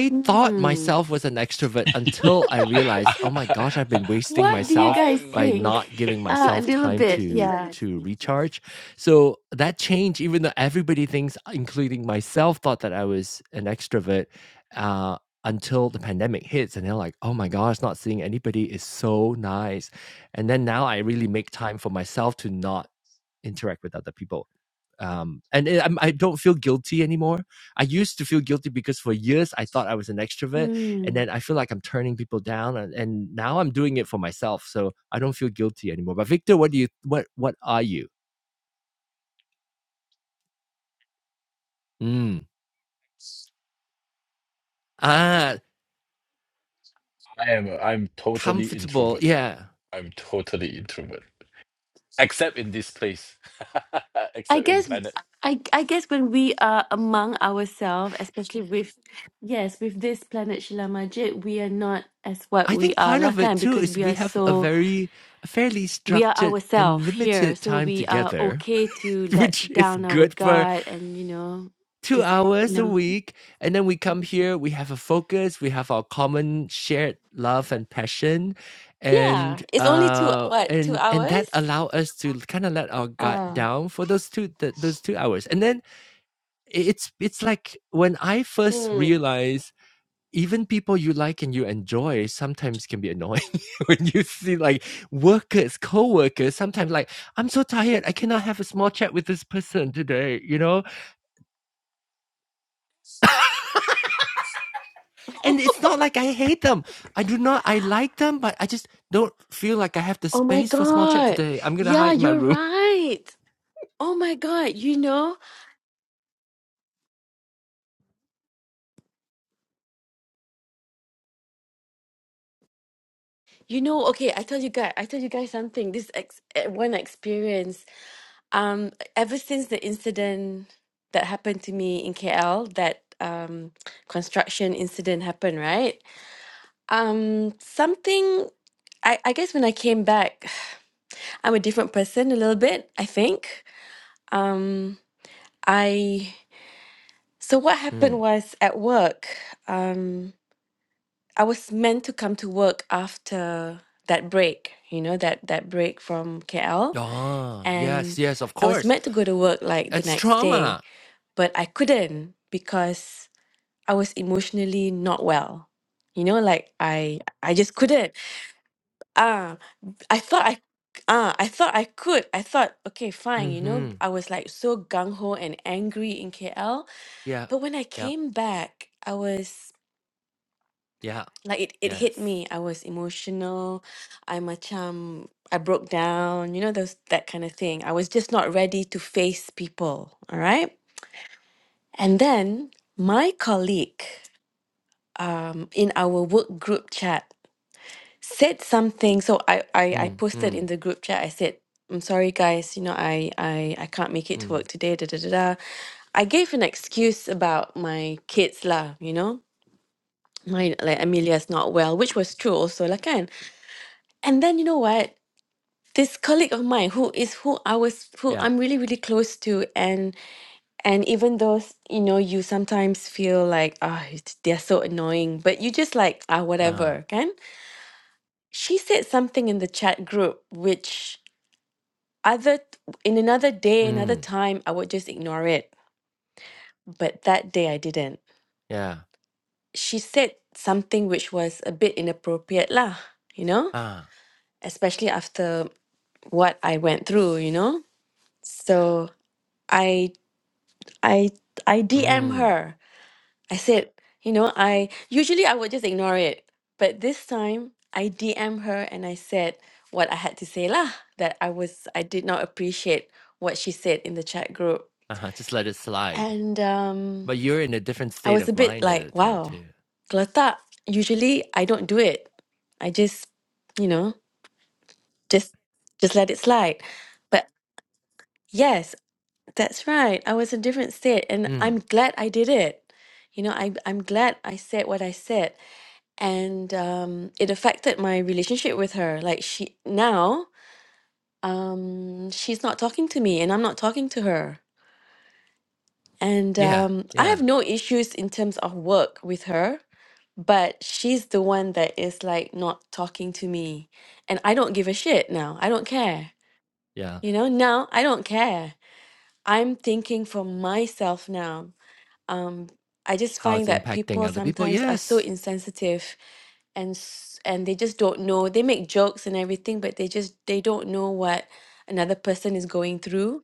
Speaker 2: Hmm. What do you guys
Speaker 5: I'm
Speaker 2: think? Uh, a little bit, yeah. Hmm.
Speaker 5: I am I'm totally introvert. I'm totally introvert, except in this place,
Speaker 2: I
Speaker 5: except in
Speaker 2: guess
Speaker 5: planet.
Speaker 2: I I guess when we are among ourselves, especially with yes, with this planet Shila Majid, we are not as what we are lah kan because we are so we are ourselves here. So we are okay to let down our guard and you know, just you know Yeah. It's only two what, two hours? Uh hmm. Oh my god. Yeah, you're right. Oh my god, you know? You know, okay, I tell you guys, I tell you guys something. This ex eh, one experience, um, ever since the incident that happened to me in KL, that um construction incident happened, right? Um, something I, I guess when I came back, I'm a different person a little bit, I think. Um, I so what happened was at work, um, I was meant to come to work after that break, you know, that that break from KL. And I was meant to go to work like the next day, but I couldn't because I was emotionally not well. You know, like I I just couldn't. Ah, I thought I ah, I thought I could. I thought, okay, fine, you know, I was like so gung ho and angry in KL. But when I came back, I was like it, it hit me. I was emotional. I macam I broke down, you know, those that kind of thing. I was just not ready to face people. All right. And then my colleague um, in our work group chat said something. So I, I, I posted in the group chat, I said, I'm sorry, guys, you know, I, I, I can't make it to work today. Da, da, da, da. I gave an excuse about my kids, lah, you know, my like Amelia's not well, which was true also, like, kan? And then you know what? This colleague of mine who is who I was who I'm really, really close to, and. And even though, you know, you sometimes feel like, ah, it's they're so annoying, but you just like, ah, whatever, can? She said something in the chat group, which other, in another day, another time, I would just ignore it. But that day I didn't. She said something which was a bit inappropriate lah, you know? Especially after what I went through, you know? So I, I, I DM her I said, you know, I usually I would just ignore it, but this time I DM her and I said what I had to say lah that I was I did not appreciate what she said in the chat group, and um, I was a bit like, wow, geletak. Usually I don't do it. I just, you know, just just let it slide. But yes, that's right. I was in a different state, and I'm glad I did it. You know, I I'm glad I said what I said and um, it affected my relationship with her. Like she now, um, she's not talking to me, and I'm not talking to her. And um, I have no issues in terms of work with her, but she's the one that is like not talking to me, and I don't give a shit now. I don't care. You know, now I don't care. I'm thinking for myself now Um, I just find that people sometimes are so insensitive and s- and they just don't know. They make jokes and everything, but they just they don't know what another person is going through.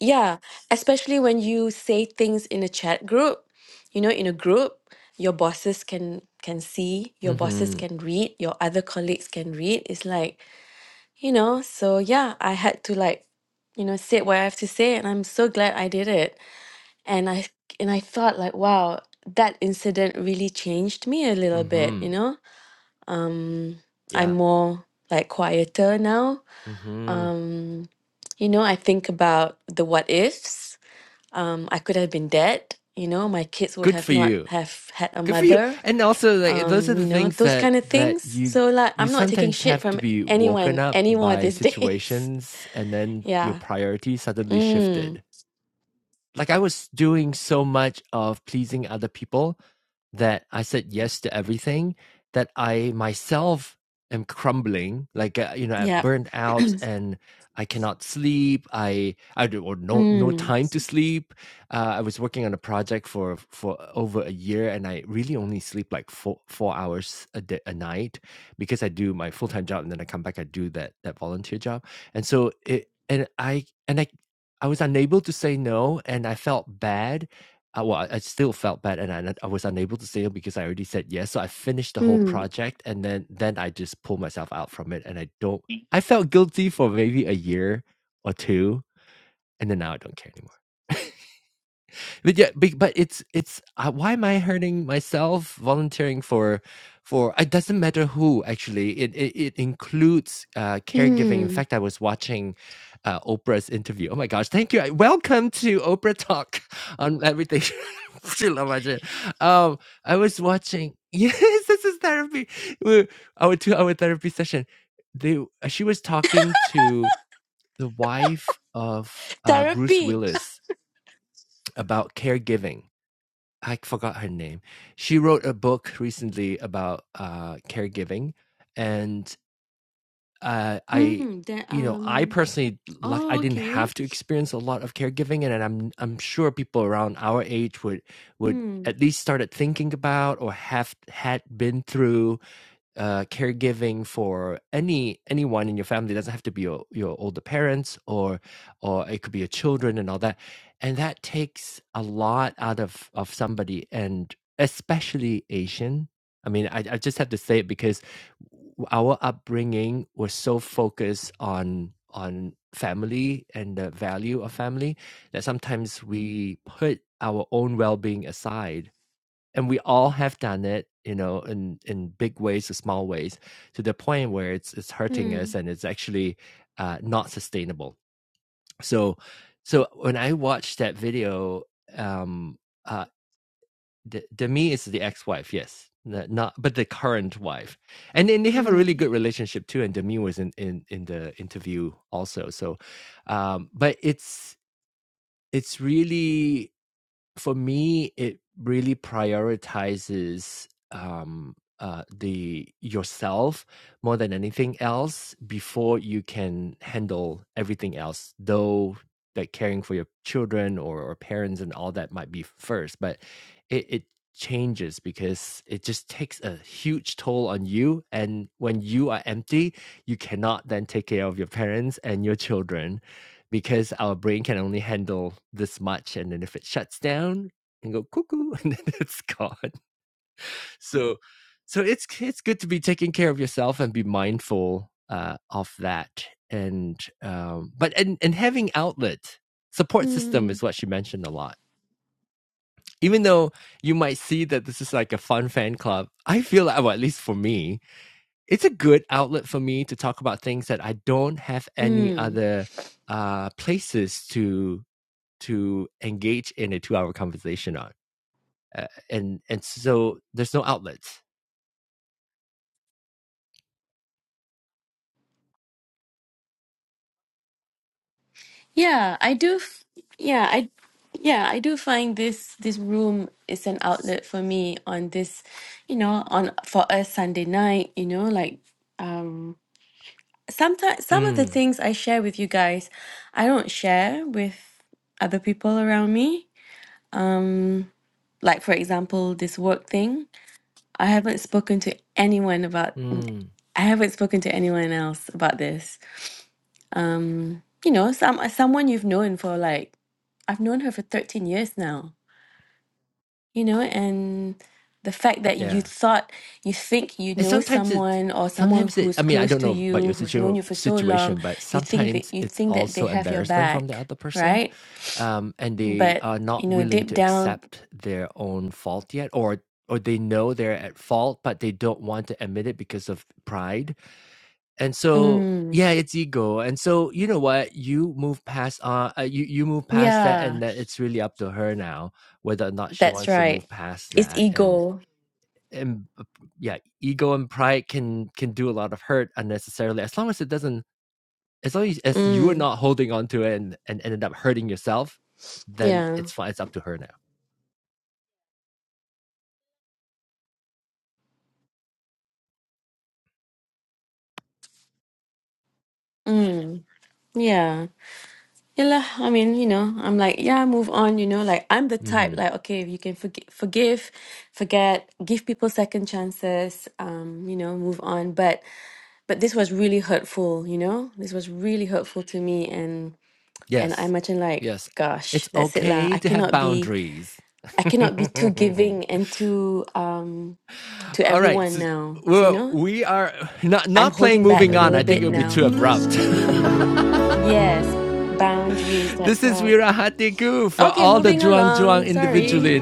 Speaker 2: Yeah, especially when you say things in a chat group, you know, in a group, your bosses can can see, your bosses can read, your other colleagues can read. It's like, you know, so yeah, I had to like, you know, say what I have to say, and I'm so glad I did it and I and I thought like wow that incident really changed me a little bit you know um I'm more like quieter now um you know I think about the what ifs um I could have been dead you know my kids would have not have had a mother um you know those kind of things so like I'm not taking shit from anyone anymore these days yeah mm yep mm mm mm therapy Mm, the um. Oh, okay. Hmm. Hmm. Hmm. Hmm. Hmm. Yeah, I do. F yeah, I. Yeah, I do find this this room is an outlet for me on this, you know, on for a Sunday night. You know, like um. Sometimes some of the things I share with you guys, I don't share with other people around me. Um, like for example, this work thing. I haven't spoken to anyone about I haven't spoken to anyone else about this. Um, you know, some someone you've known for like I've known her for 13 years now, you know, and the fact that you thought you think you know someone or someone who's close to you, who's known you for so long, you think that you think that they have your back, right? But you know, deep down, mm, yeah, that's right. It's ego. Mm, yeah. Mm, yeah. Yeah, lah, I mean, you know, I'm like, yeah, move on, you know, like I'm the type like, okay, you can forgive, forgive, forget, give people second chances, um, you know, move on. But but this was really hurtful, you know? This was really hurtful to me and and I imagine like, gosh, that's it lah. I cannot be I cannot be too giving and too um to everyone now, you know? I'm holding back a little bit now. Mm. Yes, boundaries, that's right. Okay, moving along. Sorry.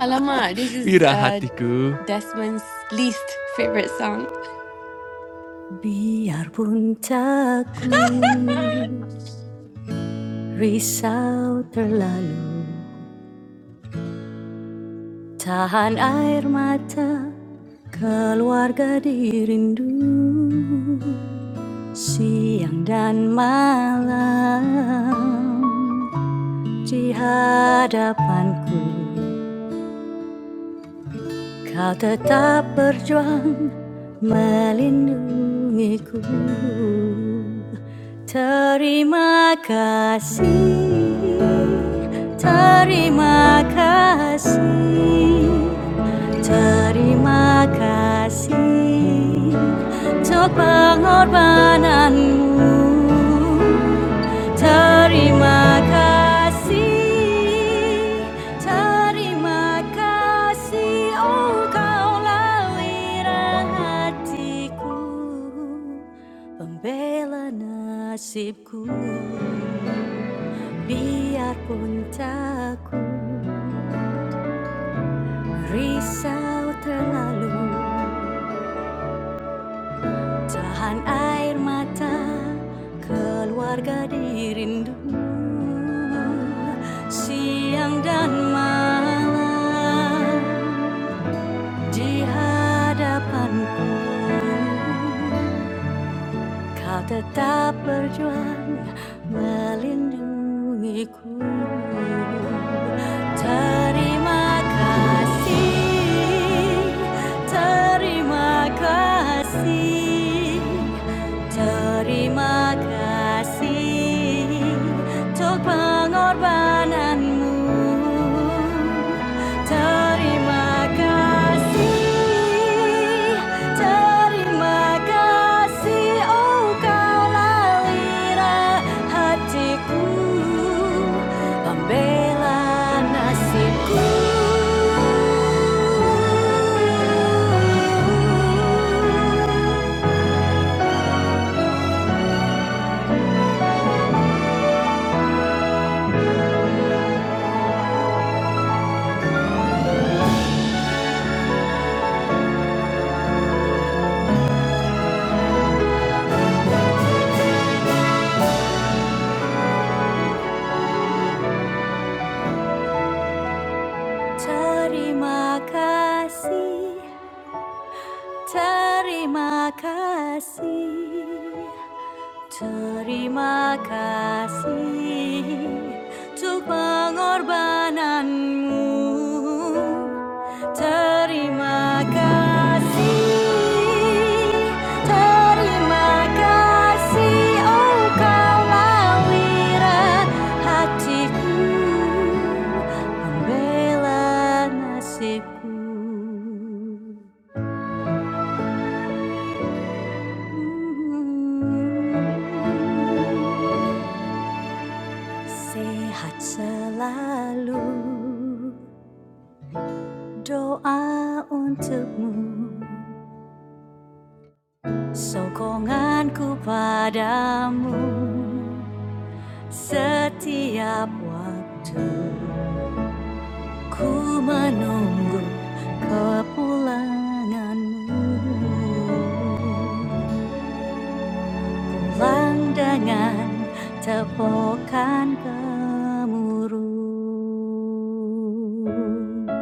Speaker 2: Alamak, this is uh Desmond's least favorite song.
Speaker 1: biarpun takut. Risau terlalu Tahan air mata Keluarga dirindu Siang dan malam Di hadapanku Kau tetap berjuang melindungiku Terima kasih, terima kasih Terima kasih untuk pengorbananmu Terima kasih, terima kasih, oh kaulah wira hatiku, pembela nasibku, biarpun takut risau terlalu. Tahan air mata, keluarga dirindu Siang dan malam di hadapanku Kau tetap berjuang melindungiku Terima kasih, terima kasih Terima kasih untuk pengorbananmu. Terima kasih, terima kasih, oh kau lalira hatiku, pembela nasibku. Terima kasih, terima kasih. Terima kasih untuk pengorbananmu. Terima kasih, terima kasih, oh kau lawira hatiku, membela nasibku. Mm. Sehat selalu doa untukmu Sokonganku padamu setiap waktu Ku menunggu kepulanganmu Pulang dengan tepukan gemuruh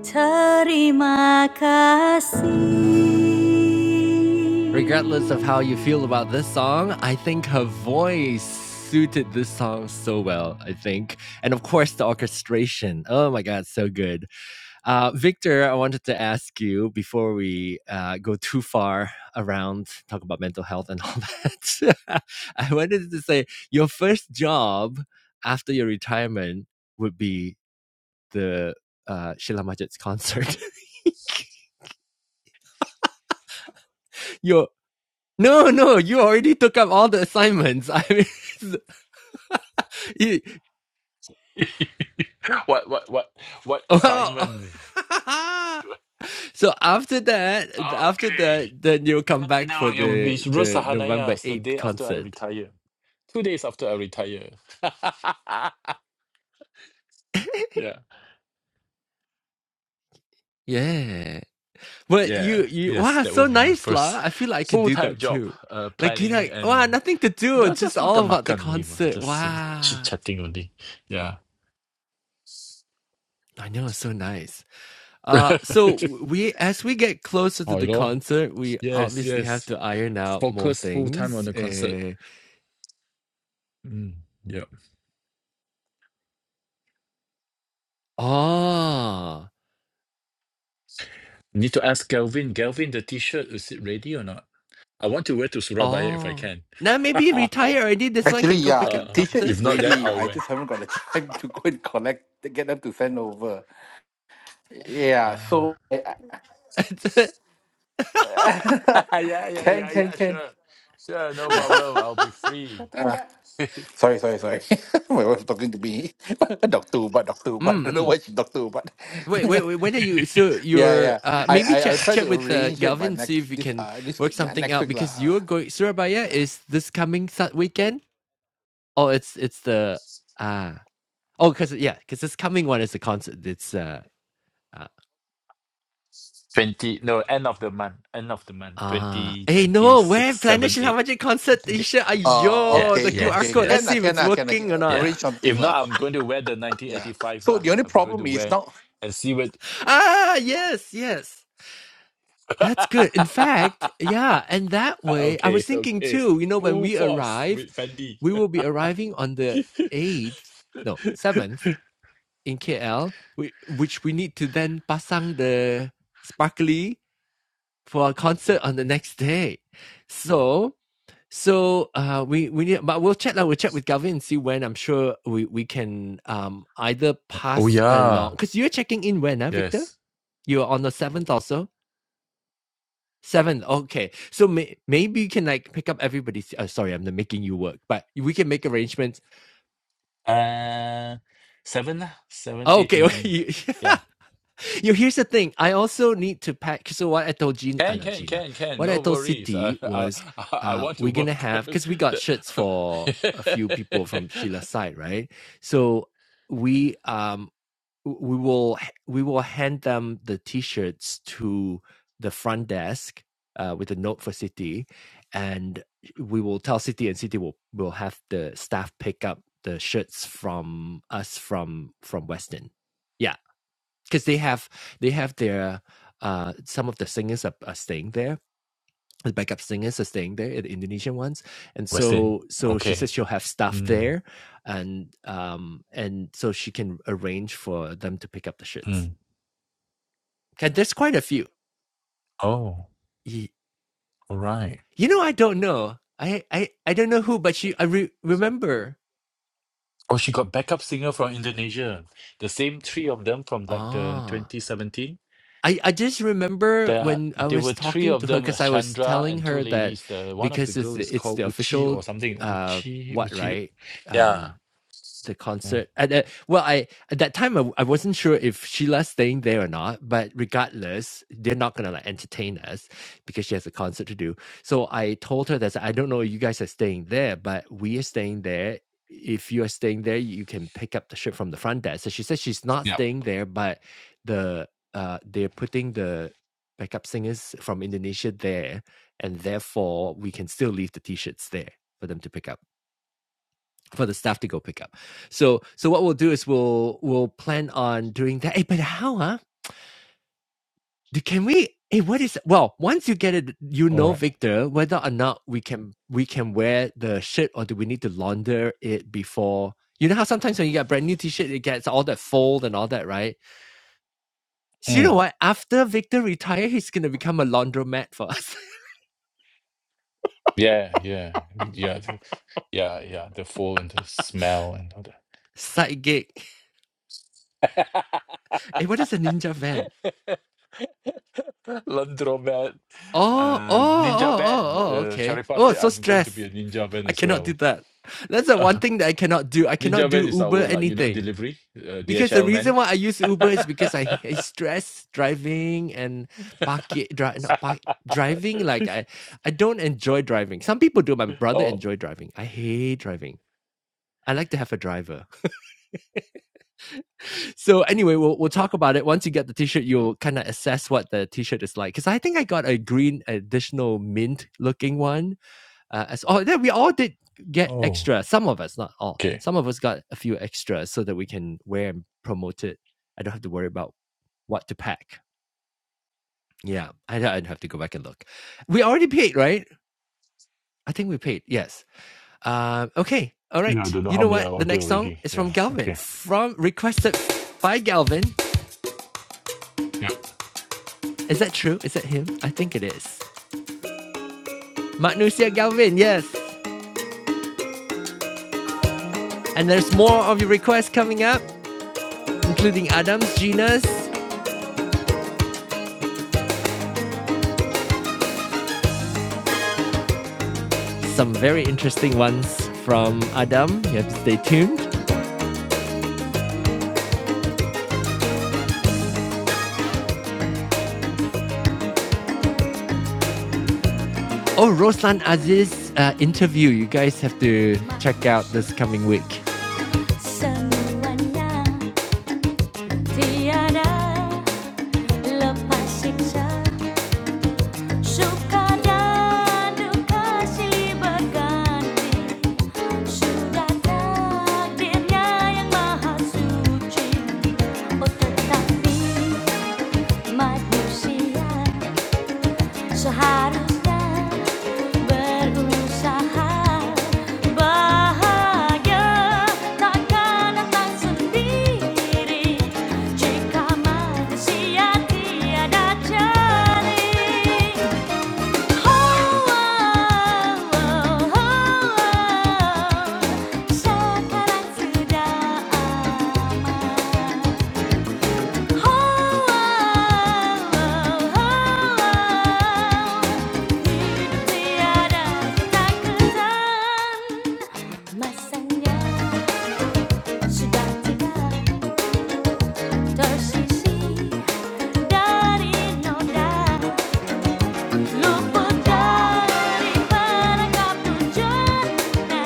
Speaker 1: Terima kasih
Speaker 5: what what what what assignment? do I- okay. No, no, it will be Rosh Hashanah, yes, the day after I retire. Two days after I retire. yeah. Yeah. Yes, that will be my first full-time job, uh, planning and no, just makan makan only, mah. just chit-chatting only. Yeah. oh, you know? Yes, yes. Focus full-time on the concert. Mm, yeah. Need to ask Kelvin. Kelvin, the t-shirt, is it ready or not? I want to wear to Surabaya if I can.
Speaker 6: Actually, yeah, the
Speaker 5: Uh,
Speaker 6: T-shirt
Speaker 5: if
Speaker 6: is
Speaker 5: not, then
Speaker 6: ready.
Speaker 5: I'll
Speaker 6: I
Speaker 5: wear.
Speaker 6: just haven't got the time to go and collect, to get them to send over. Yeah,
Speaker 5: Ah.
Speaker 6: so I, I,
Speaker 5: yeah, yeah,
Speaker 6: can
Speaker 5: yeah,
Speaker 6: can
Speaker 5: yeah,
Speaker 6: can.
Speaker 5: sure. Sure, no
Speaker 6: Yeah.
Speaker 5: problem. I'll be free.
Speaker 6: Uh, sorry, sorry, sorry. My wife talking to me. Doctor Ubat, Doctor Ubat. Don't know why she Doctor Ubat. yeah, yeah. I, I I'll try to arrange it by next this uh this next week lah. Yeah.
Speaker 5: 20, no, end of the month. End of the month. 20, 26, 7, 8. Okay.
Speaker 6: Uh,
Speaker 5: Yeah,
Speaker 6: okay,
Speaker 5: yes,
Speaker 6: okay. Can I
Speaker 5: yes.
Speaker 6: can I can I
Speaker 5: Yeah.
Speaker 6: arrange something
Speaker 5: If
Speaker 6: lah.
Speaker 5: not, I'm going to wear the
Speaker 6: Yeah.
Speaker 5: 1985
Speaker 6: So
Speaker 5: lah.
Speaker 6: the only
Speaker 5: I'm going
Speaker 6: problem
Speaker 5: to
Speaker 6: is
Speaker 5: wear
Speaker 6: now.
Speaker 5: and see what... okay, okay. Full force with Fendi. Oh yeah, yes. Uh, seven, lah, seven, eight, nine. Yeah, can, can, can, can. No worries. I, I, I I want to work. Westin. Okay. Mm, mm. Oh, all right. Oh, she got backup singer from Indonesia. The same three of them from like the 2017. There, there were three of them, was Chandra and two ladies. The one of the girl is called Uchi or something. Uchi, Uchi. Yeah. Mm. Yeah. All right. Mm. Yeah, yeah. Yeah. the- Yeah, yeah. They fall into smell and all that. Laundromat. Uh, ninja van. Uh Sharifah said I'm going to be a ninja van as well. ninja van is our like, you know, delivery, uh, DHL man. oh, oh, okay. Yeah, I don't know how many I order already. Yeah, okay. Yeah.
Speaker 1: Semuanya tiada lepas siksa Suka dan duka silih berganti Sudah takdirnya yang maha suci Oh tetapi manusia Seharusnya berusaha bahagia takkan datang sendiri jika manusia tiada jari. Oh, oh, oh, oh, oh, sekarang sudah Masanya sudah tidak tersisi dari noda luput dari perangkap tujuannya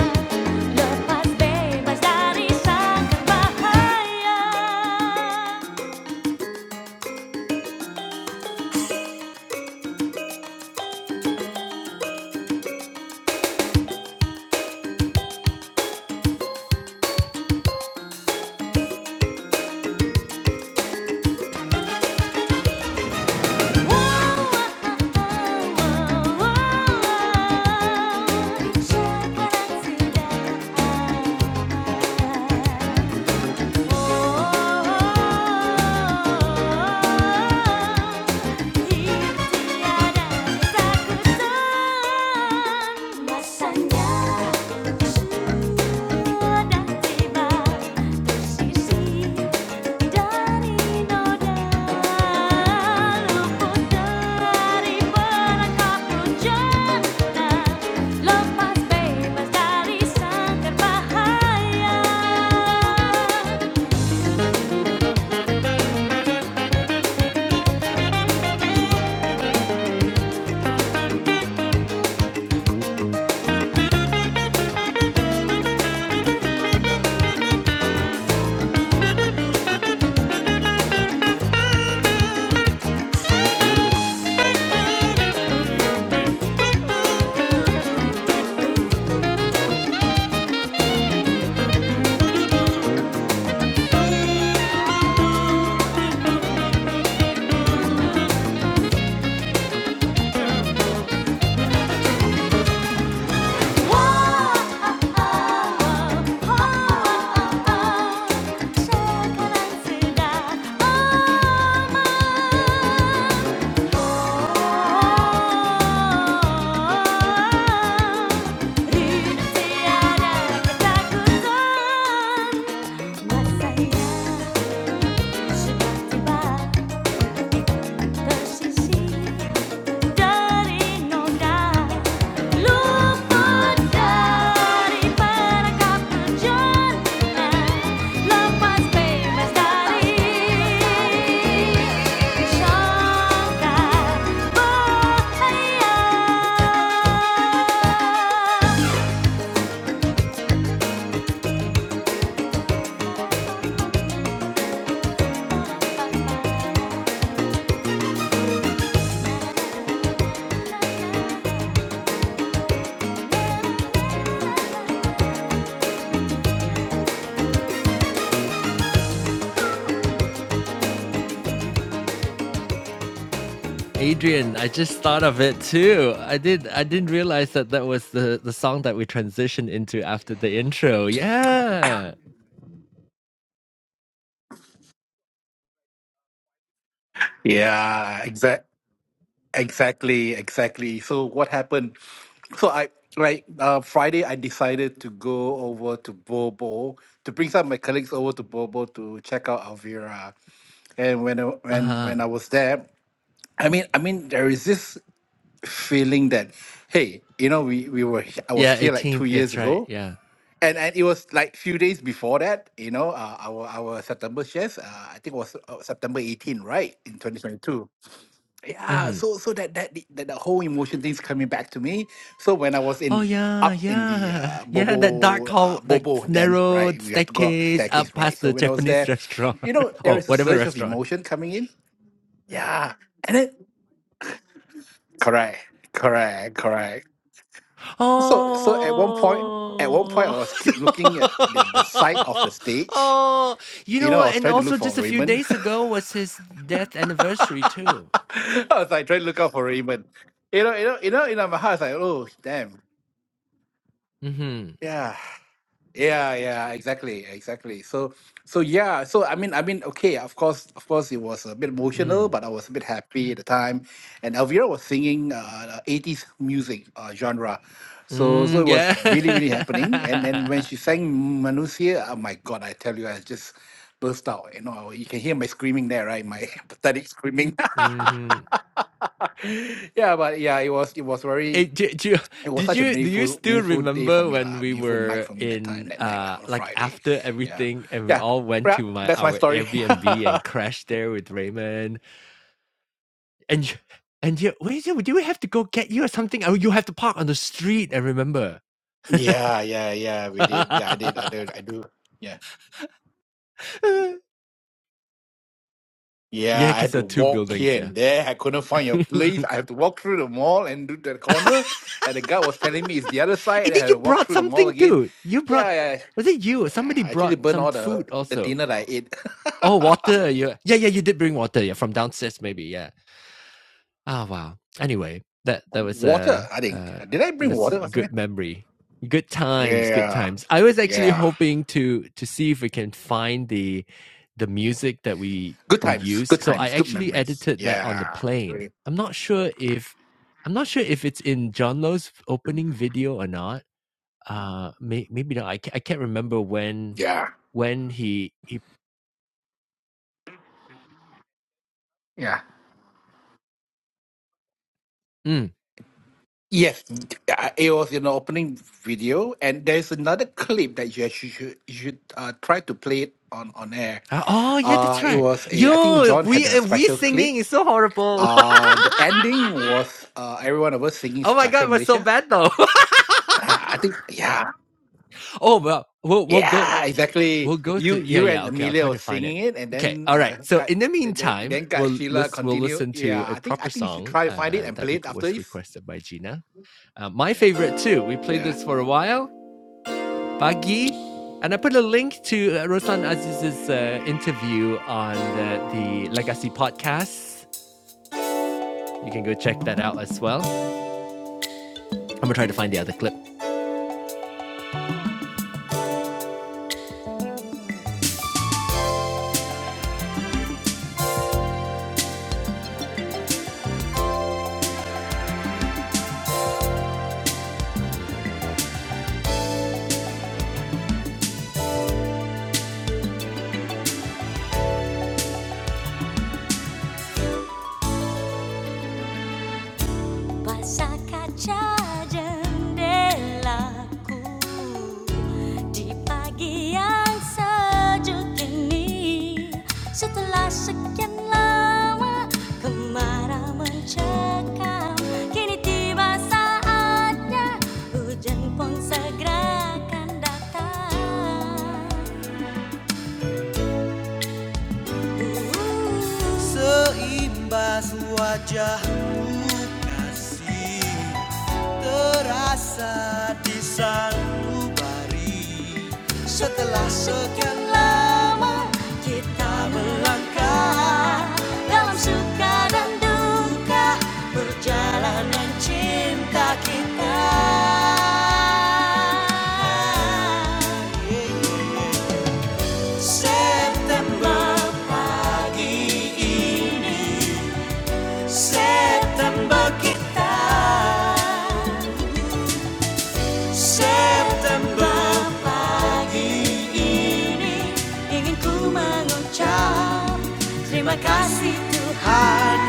Speaker 1: lepas bebas dari sangkar bahaya Check it out today. Masanya sudah tiba bersisih dari noda luput dari perangkap rujana lepas bebas dari sangkar bahaya. Ketakutan Masa ia sudah tiba Bye.
Speaker 6: Yeah, exactly. Exactly, exactly. So what happened? So I like uh, Friday, I decided to go over to Bobo to bring some of my colleagues over to Bobo to check out Alvira. And when I, when when I was there, I mean, I mean, there is this feeling that, hey, you know, we we were he- I was here like two years ago, and and it was like few days before that, you know, uh, our our September shares, uh, I think was uh, September 18, right, in 2022 yeah so so that that the, that the whole emotion thing's coming back to me so when i was in up in the uh bobo uh, bobo then right we have to go up the staircase right so when i was there you know there is a surge of emotion coming in yeah and then correct correct correct so so at one point at one point i was keep looking at the, the side of the stage you know i was trying to look for raymond i was like trying to look out for raymond you know you know you know in my heart I was like oh damn yeah Yeah, yeah, exactly, exactly. So, so yeah, so I mean, I mean, okay, of course, of course, it was a bit emotional, but I was a bit happy at the time. And Elvira was singing uh, 80s music uh, genre, so so it was really, really happening. And then when she sang Manusia, oh my God, I tell you, I just burst out. You know, you can hear my screaming there, right? My pathetic screaming. yeah, but yeah, it was it was very it was such a meaningful meaningful day for me lah, meaningful night for me that time that night lah, on Friday. Yeah. Yeah. Yeah, that's my story. yeah, yeah, yeah. We did. Yeah, I did. I did. I do. Yeah. Yeah, I had to walk here and there. I couldn't find your place. I have to walk through the mall and do the corner. And the guy was telling me it's the other side. And I had to walk through the mall again. Yeah, yeah. yeah. I actually burned all the, the dinner that I ate. water, I think. Did I bring water or something? Yeah. Yeah. Good times, good times, good memories. Yeah, really. yeah, yeah. Yes, uh, it was in the opening video, and there's another clip that you actually should you should uh, try to play it on on air. Uh, it was a I think John had a special clip. Uh, the ending was uh, every one of us singing Sejahtera Malaysia. Ah, I think yeah, Yeah, exactly. You you and Amelia were singing it, and then uh, Kak, then then then Kak Sheila continued. Yeah, I think I think you should try to find it and play it after this. Yeah, yeah.
Speaker 1: Basah kaca jendelaku Di pagi yang sejuk ini Setelah sekian lama kemarau mencekam Kini tiba saatnya hujan pun segera akan datang Seimbas wajah kasih terasa di sanubari setelah sekian lama kita melangkah dalam suka dan duka perjalanan cinta kita September pagi ini September kita September pagi ini ingin ku mengucap terima kasih Tuhan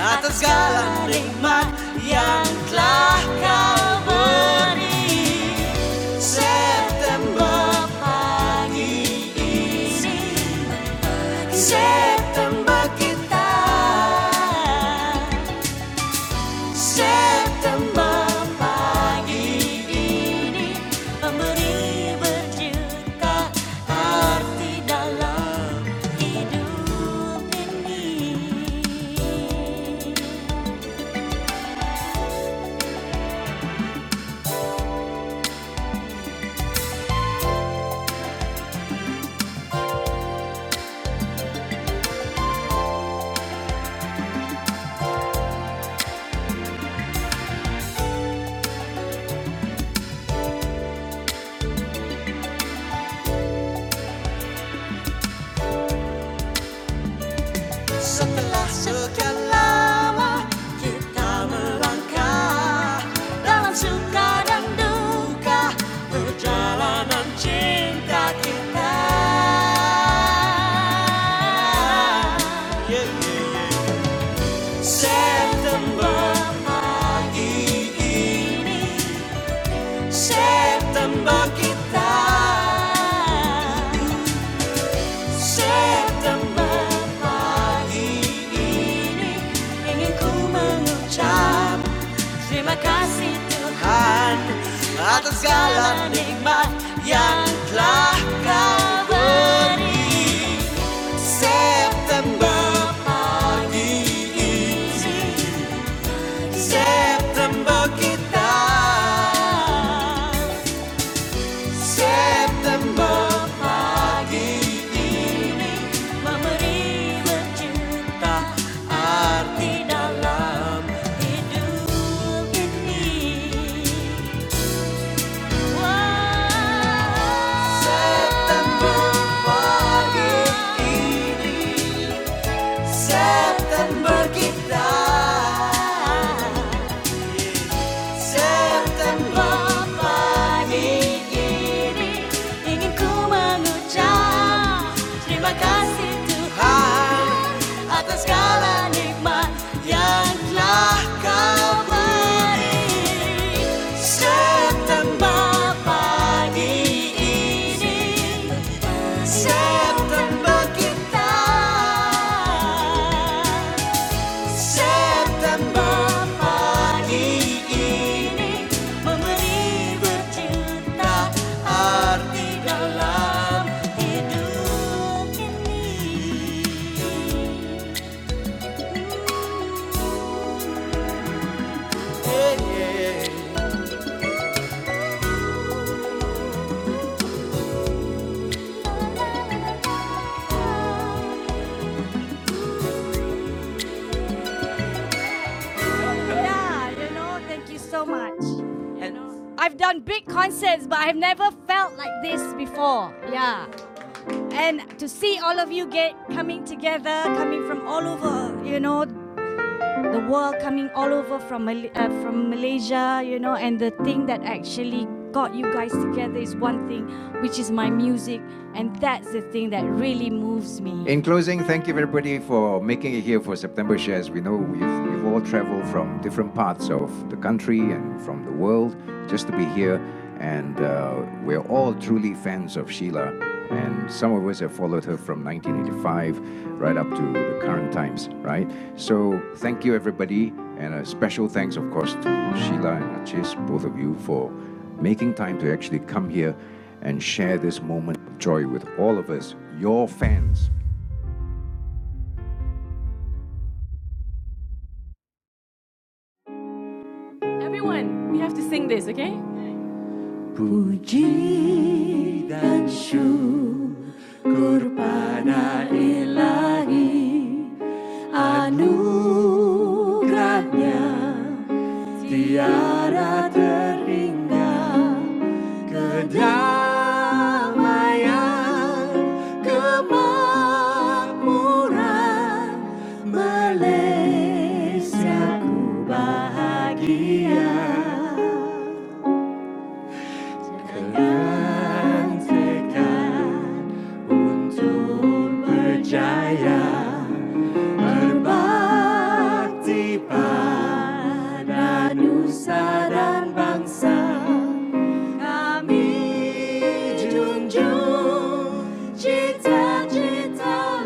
Speaker 1: atas segala nikmat yang telah kau beri. September pagi ini, September kita, September pagi. Setelah sekian lama kita melangkah Dalam suka dan duka perjalanan cinta kita September pagi ini September kita September pagi ini Ku mengucap Terima kasih Tuhan Atas segala nikmat yang telah kau beri September pagi ini September kita September pagi memberi berjuta arti dalam hidup ini. September pagi ini September kita. September pagi ingin ku mengucap terima kasih Tuhan atas segala nikmat yang telah kau beri September pagi ini September kita September pagi ini memberi berjuta arti dalam hidup ini. Yeah, you know, thank you so much. I've done big concerts, but I've never felt like this before. Yeah. And to see all of you get coming together, coming from all over, you know, the world coming all over from uh, from Malaysia, you know, and the thing that actually got you guys together is one thing, which is my music, and that's the thing that really moves me. In closing, thank you everybody for making it here for September Shares. We know we have we have all traveled from different parts of the country and from the world just to be here and uh, we're all truly fans of Sheila. And some of us have followed her from 1985 right up to the current times, right? So thank you, everybody, and a special thanks, of course, to Sheila and Achis, both of you, for making time to actually come here and share this moment of joy with all of us, your fans. Everyone, we have to sing this, okay? Puji dan syukur pada ilahi Anugerahnya tiada terhingga Kedamaian, kemakmuran Malaysia bahagia Berbakti pada nusa dan bangsa Kami junjung cita-cita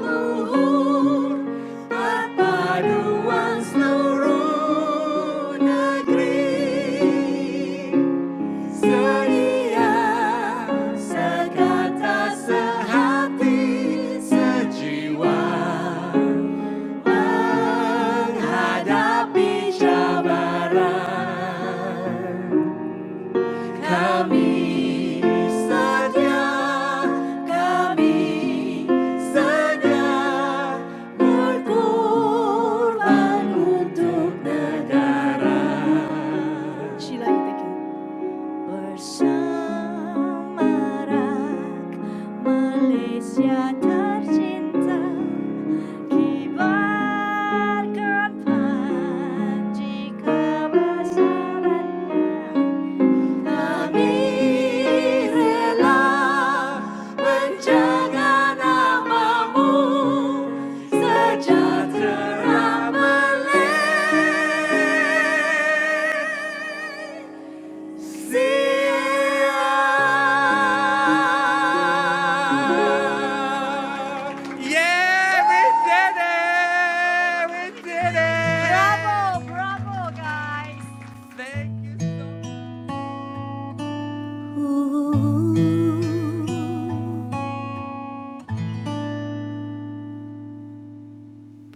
Speaker 1: kami sedia berkorban untuk negara. Sheila, you bersama Rak Malaysia tercinta kibarkan panji kebesarannya kami rela menjaga nama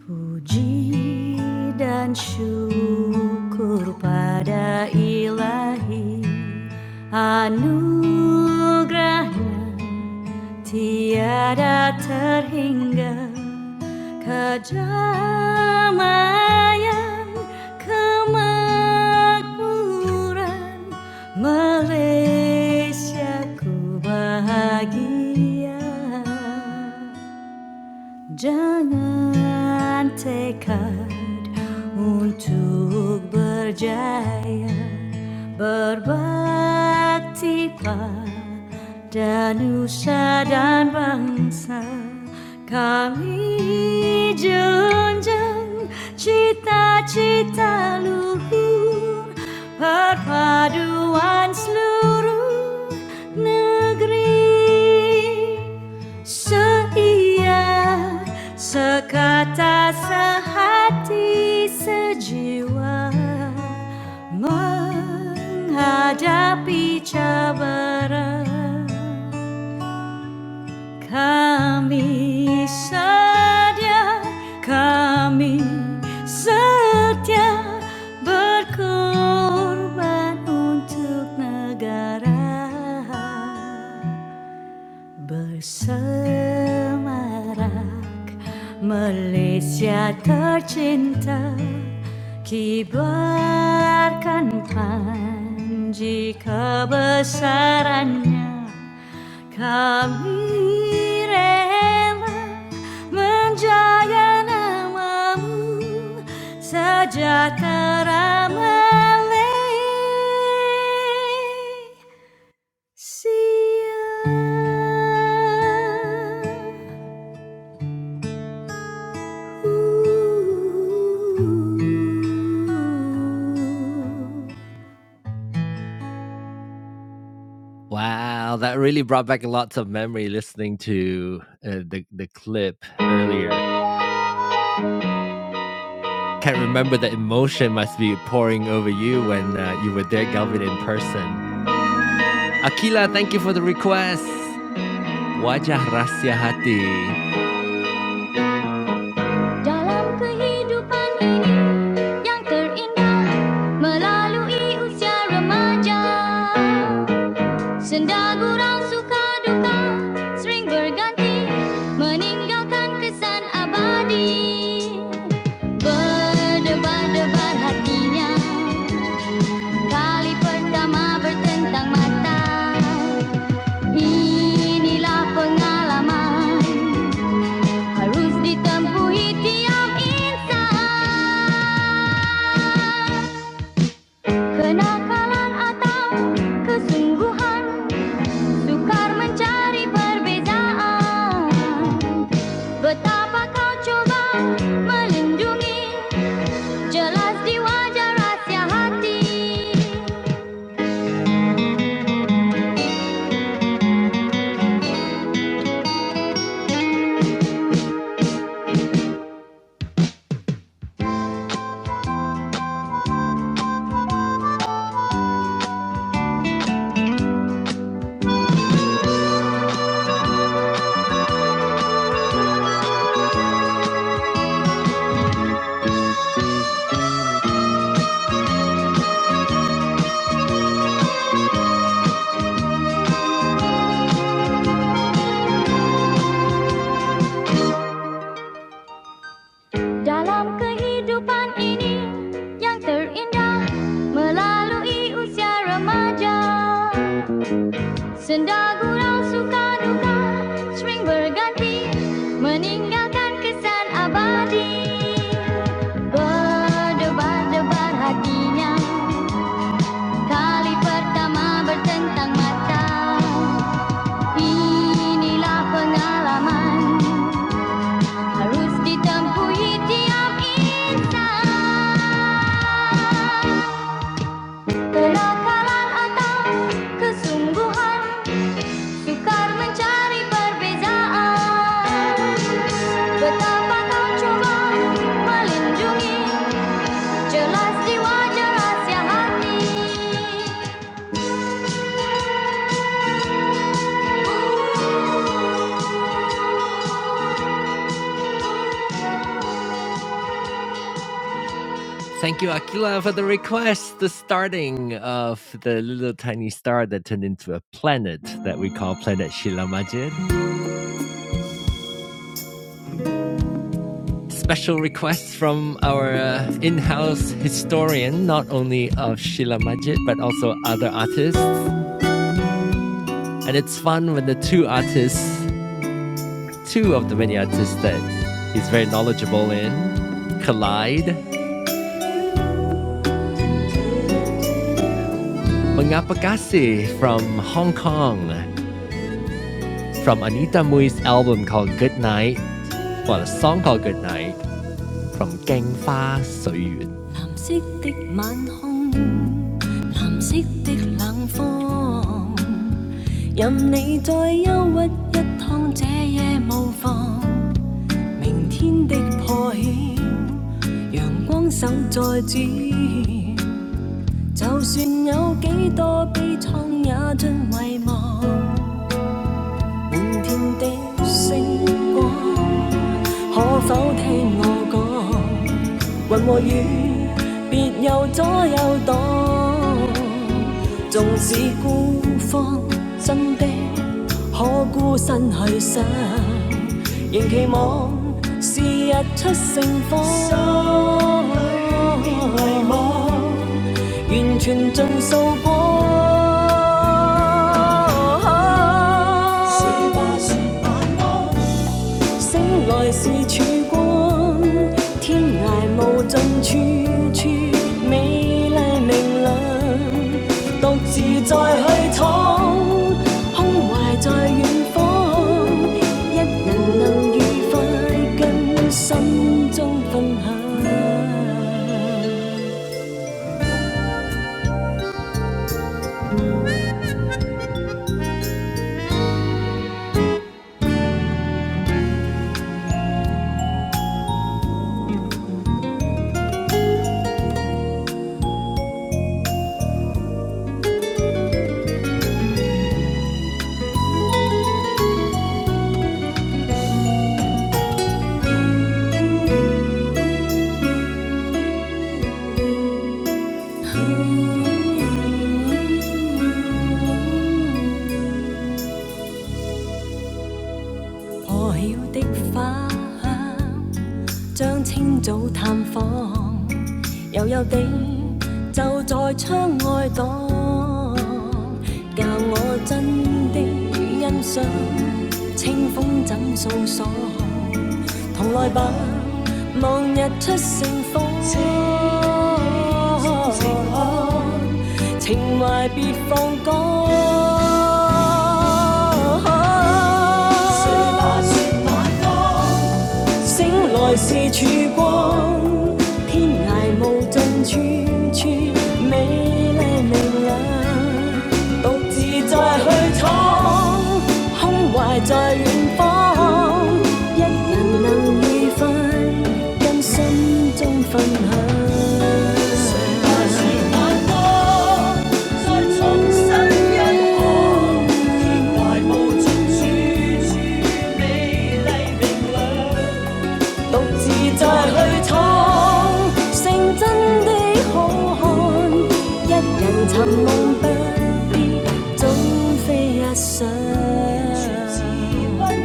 Speaker 1: Puji dan syukur pada ilahi Anugerahnya tiada terhingga Kedamaian, kemakmuran Malaysiaku bahagia Jangan tekad untuk berjaya Berbakti pada nusa dan bangsa Kami junjung cita-cita luhur Perpaduan seluruh negeri Sa iya, sa kata, sa hati, sa jiwa Menghadapi cabaran Kami sedia, kami setia Berkorban untuk negara Bersama Malaysia tercinta Kibarkan panji kebesarannya Kami rela menjaya namamu Sejahtera Malaysia See Ooh. Dalam kehidupan ini yang terindah melalui usia remaja. Senda suka duka sering berganti meninggalkan kesan abadi. Berdebar-debar hatinya Kali pertama bertentang mata Inilah pengalaman Harus ditempuhi tiap insan Kenakalan atau kesungguhan Sukar mencari perbezaan Betapa kau coba melindungi Jelas di wajah rahsia hati Dalam kehidupan ini yang terindah melalui usia remaja Senda gurau suka duka sering berganti meninggalkan kesan abadi Berdebar-debar hatinya kali pertama bertentang mata Inilah pengalaman Harus ditempuhi tiap insan atau kesungguhan Sukar mencari perbezaan Betapa kau coba melindungi Jelas jiwa jelas ya hati 藍色的晚空，藍色的冷風，任你再憂鬱一趟，這夜無妨。明天的破曉，陽光手再指引。就算有幾多悲愴，也盡遺忘。明天的星光，可否聽我講？云和雨，別有左右擋。縱使孤芳，真的可孤身去想，仍期望是日出盛況。心裏別迷惘，完全盡數破。醒來是曙光，天涯無盡，處處美麗明亮。獨自再去闖，胸懷在遠方，一人能愉快，跟心中分享。破曉的花香，將清早探訪。悠悠地就在窗外蕩，教我真的欣賞清風怎訴爽。同來吧，望日出盛況。情懷別放乾。說吧，說吧，醒來是曙光，天涯無盡處處美麗明亮，獨自再去闖，胸懷在遠方，一人能愉快，跟心中分享。誰來是盼望，再重新一看，天涯無盡處處美麗明亮。獨自再去闖，成真的好漢，一人尋夢不總非一想。可跟心中分享，這刻只想講晚安。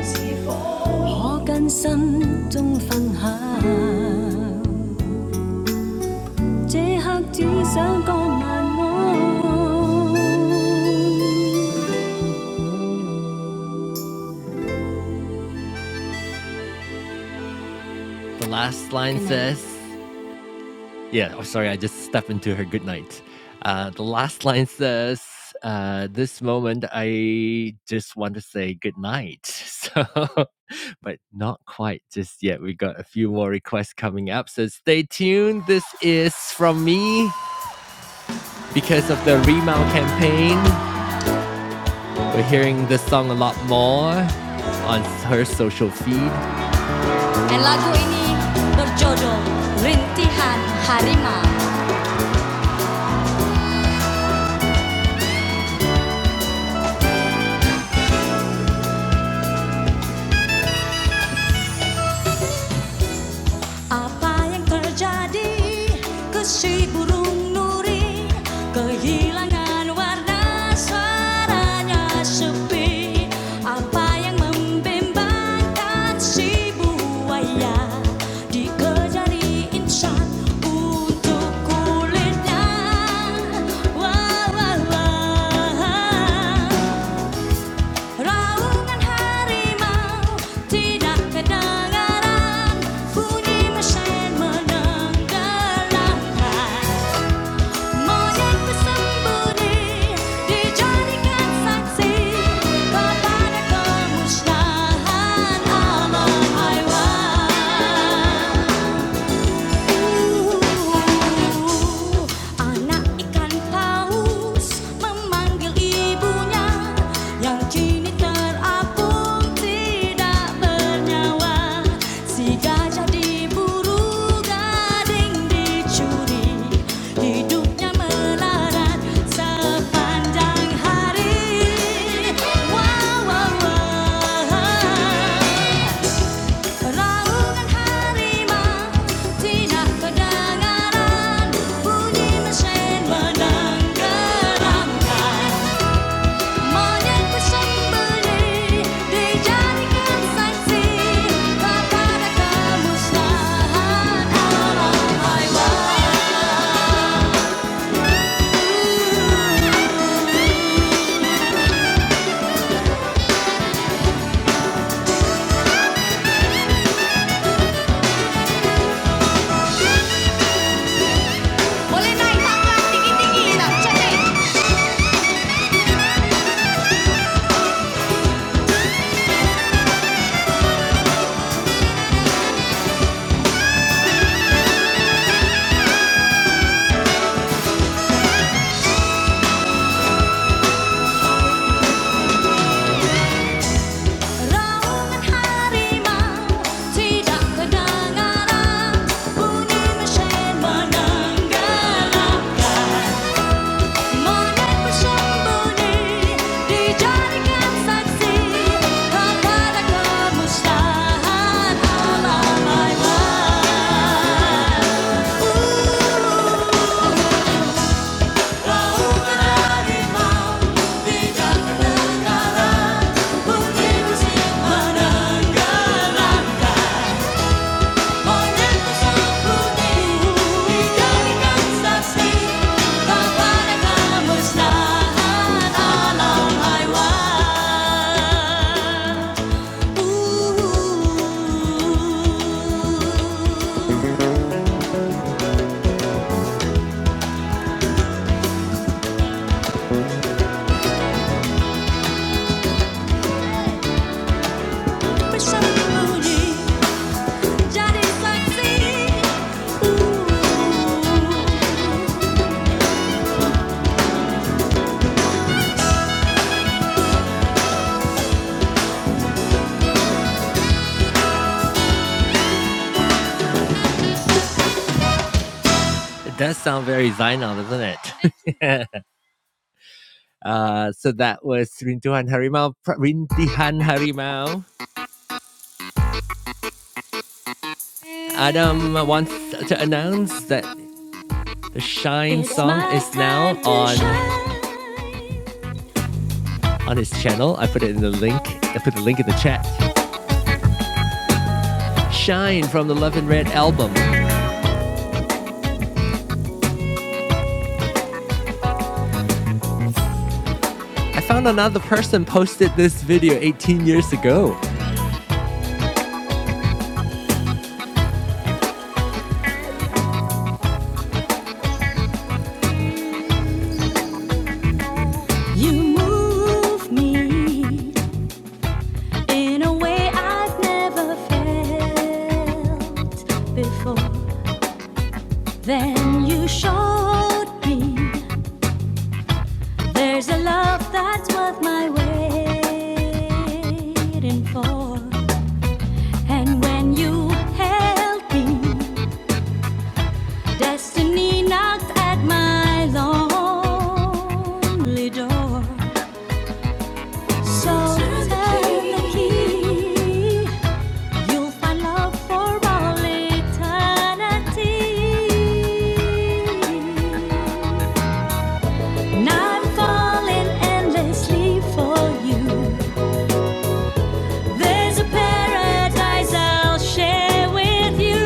Speaker 1: lagu ini berjudul Rintihan Harimau. Apa yang terjadi ke si burung nuri Kehilangan warna suaranya sepi Apa yang membimbangkan si buaya Dikejari insan untuk kulitnya Wah wah wah Raungan harimau tidak kedengaran Bunyi mesin menenggelamkan Monyet bersembunyi dijadikan saksi Kepada kemusnahan alam haiwan Anak ikan paus memanggil ibunya Yang kini terapung tidak bernyawa Si gajah diburu gading dicuri Hidupnya melarat sepanjang hari Wah wah wah Raungan harimau tidak kedengaran bunyi mesin menenggeramkan monyet bersembunyi dijadikan saksi kepada kemusnahan alam haiwan. Boleh naik tangga tinggi-tinggi tak? Cantik. Raungan harimau tidak kedengaran Bunyi mesin menenggelamkan Monet bersembunyi dijadikan saksi Kepada kemusnahan alam haiwan Raungan harimau tidak kedengaran Bunyi mesin menenggelamkan You move me in a way I've never felt before. Then you showed me there's a love that's worth my waiting for. And when you held me, destiny knocked at my lonely door. So turn the key You'll find love for all eternity. And I'm falling endlessly for you. There's a paradise I'll share with you.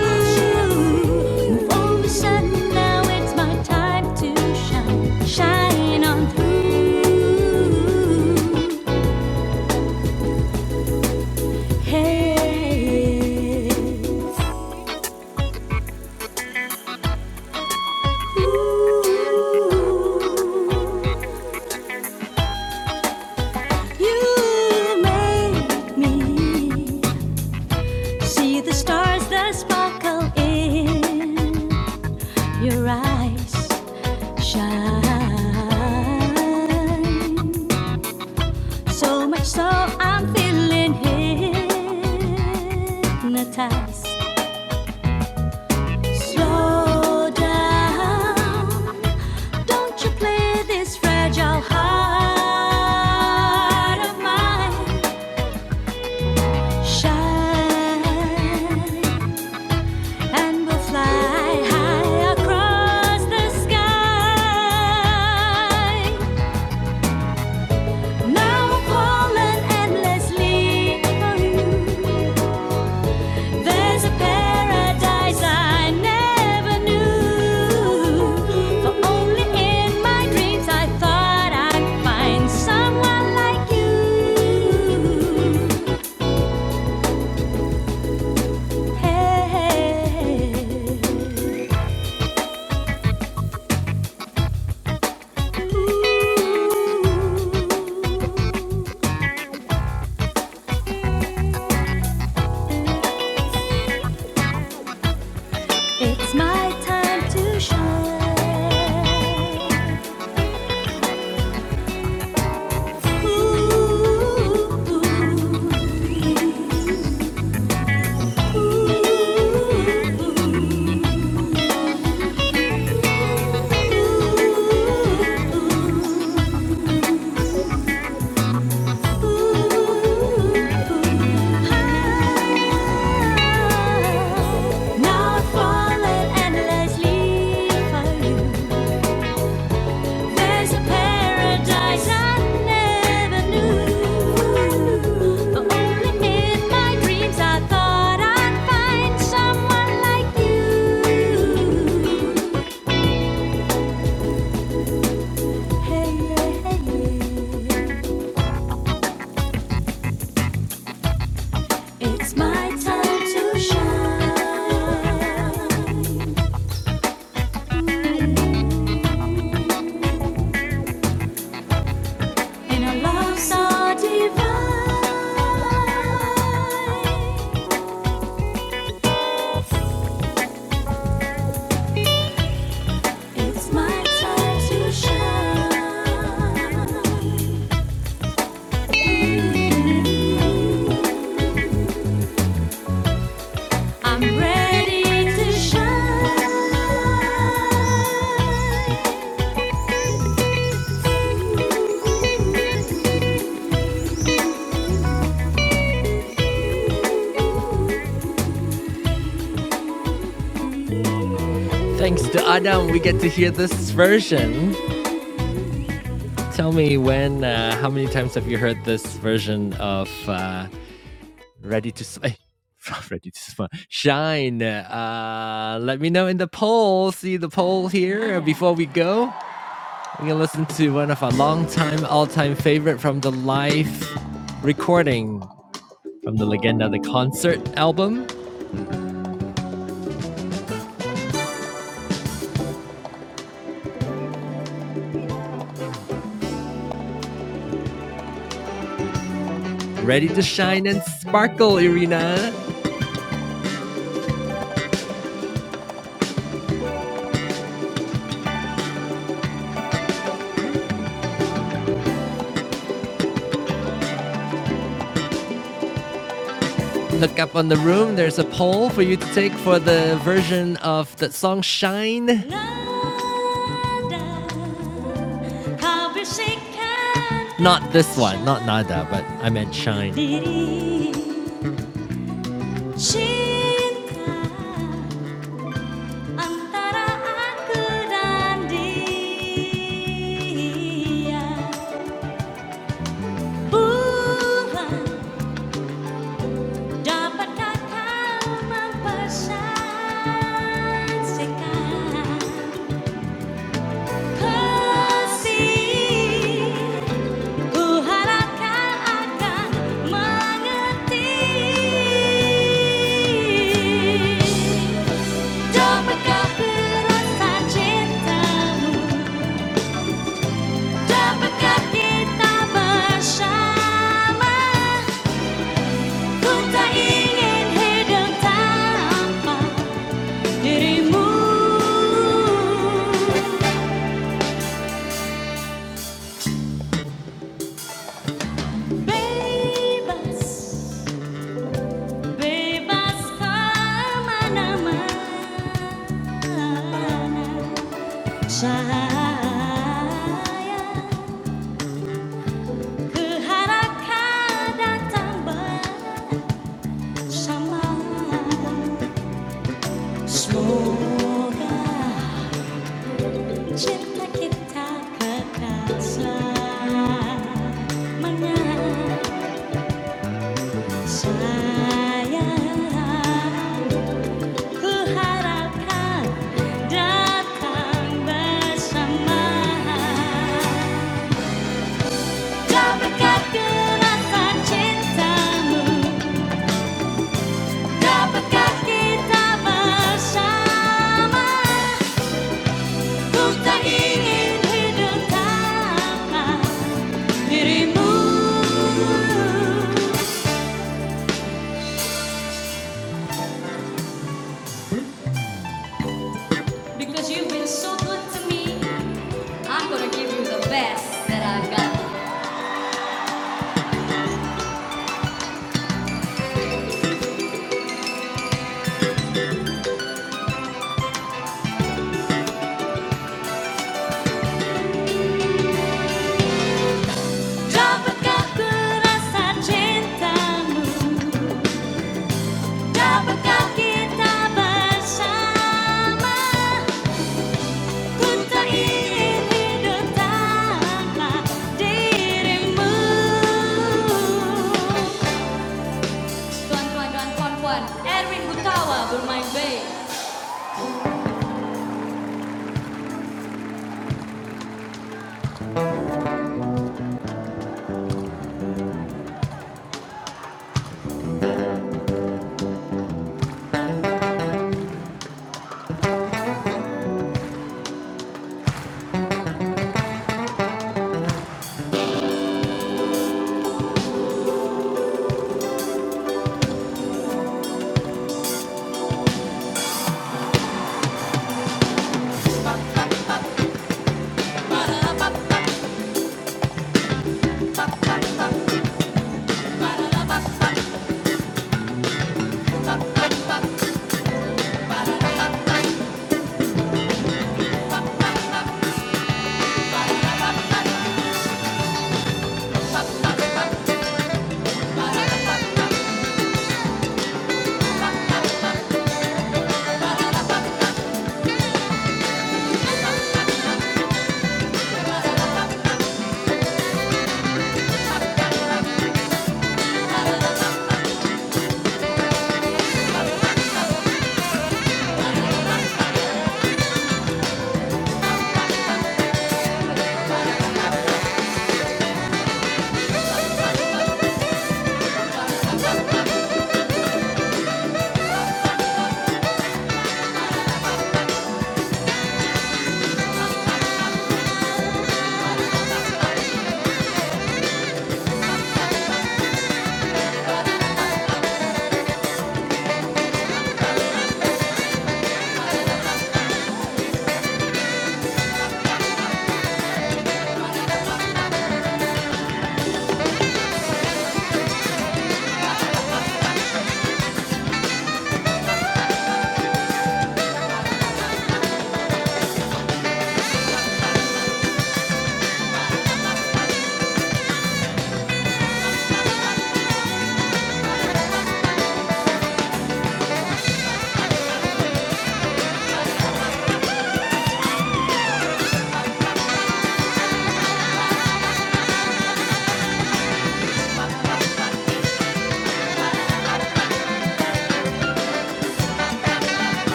Speaker 1: All of a sudden now it's my time to shine, shine on through. Hey. Ooh. You make me see the stars that sparkle in your eyes shine. So much so I'm feeling hypnotized. Slow down, don't you play this fragile heart of mine. Shine and we'll fly high across the sky. Now we're falling endlessly for you. There's a paradise I never knew. For only in my dreams I thought I'd find someone like you. Hey, hey, hey. Ooh. It's my time to shine. Ooh, ooh, ooh. Ooh, ooh, ooh. Ooh, ooh, ooh. Now fallen and let's leave for you. There's a paradise I never knew. But only in my dreams I thought I'd find someone like you. Hey, hey, hey. It's my time to shine. In a love so divine. It's my time to shine. I'm ready to shine. La, da. How Cinta antara aku dan dia. Tuhan, dapatkah kau mempersatukan? Kasihku harap akan mengerti Dapatkah perasaan cintamu Dapatkah kita bersama Ku tak ingin hidup tanpa dirimu Bebas Bebas kemana-mana Cahaya datang bersama Semoga cinta kita kekal selamanya Sayang Ku Because you've been so good to me I'm gonna give you the best that I got Dapatkah ku rasa cintamu Dapatkah kita bersama? Ku hidup tanpa dirimu. Tuan-tuan dan puan-puan, Erwin bermain bass.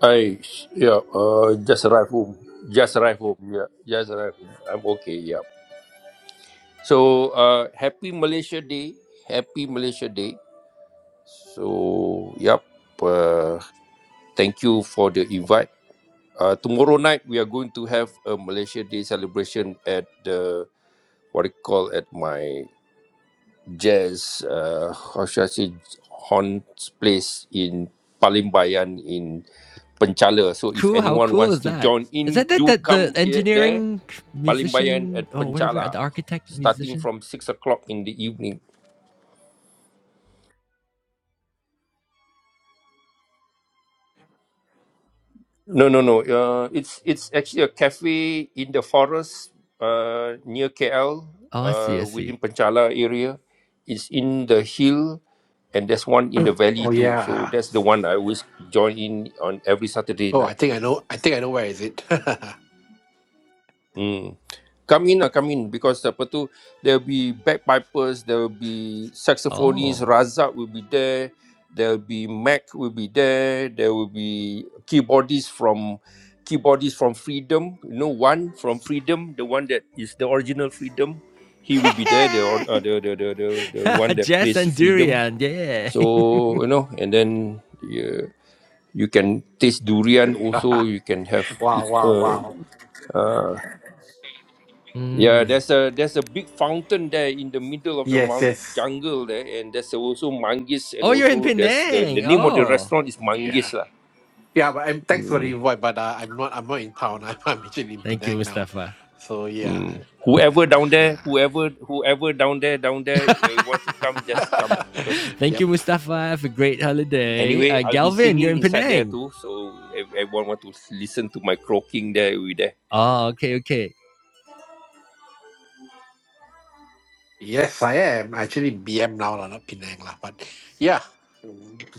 Speaker 4: I yeah. Uh, just arrived home. Just arrived home. Yeah, just arrived home. I'm okay. Yeah. So uh, happy Malaysia Day, happy Malaysia Day. So yep, uh, thank you for the invite. Uh, tomorrow night we are going to have a Malaysia Day celebration at the what you call at my jazz uh, how should I say Horn's place in Palimbayan in Penchala. So if anyone wants to join in, do come here there. Palimbayan at Penchala, starting from six o'clock in the evening. No, no, no. Uh, it's it's actually a cafe in the forest uh, near KL, uh, within Panchala area. It's in the hill, and there's one in the
Speaker 6: Oh
Speaker 4: valley too. So
Speaker 6: yeah.
Speaker 4: that's the one I always join in on every Saturday
Speaker 6: Oh, I
Speaker 4: night.
Speaker 6: think I know. I think I know where is it.
Speaker 4: Hmm. Come in lah, come in because apa tu there will be bagpipers, there will be saxophonists, Razak will be there, there will be Mac will be there, there will be keyboardists from keyboardists from Freedom, you know one from Freedom, the one that is the original Freedom, he will be there, the or- uh, the, the the the the one that plays Freedom. So you know, and then yeah, you can taste durian also. You can have
Speaker 6: wow, wow,
Speaker 4: uh,
Speaker 6: wow.
Speaker 4: uh, yeah, there's a there's a big fountain there in the middle of the
Speaker 6: Yes,
Speaker 4: mount
Speaker 6: yes.
Speaker 4: jungle there, and there's also manggis, and also there's the, the name of the restaurant is
Speaker 6: Yeah,
Speaker 4: manggis lah.
Speaker 6: yeah. But I'm thanks for the
Speaker 4: Mm.
Speaker 6: invite. But uh, I'm not. I'm not in town. I'm, I'm actually in Penang now. So yeah,
Speaker 4: Mm. Whoever
Speaker 6: yeah,
Speaker 4: down there, whoever whoever down there down there, you want to come, just come
Speaker 6: yeah.
Speaker 4: because
Speaker 6: yep.
Speaker 4: anyway I'll be singing inside there too, so if everyone want to listen to my croaking there, we there.
Speaker 6: Yes, I am. Actually, BM now, lah, not Penang. Lah. But yeah,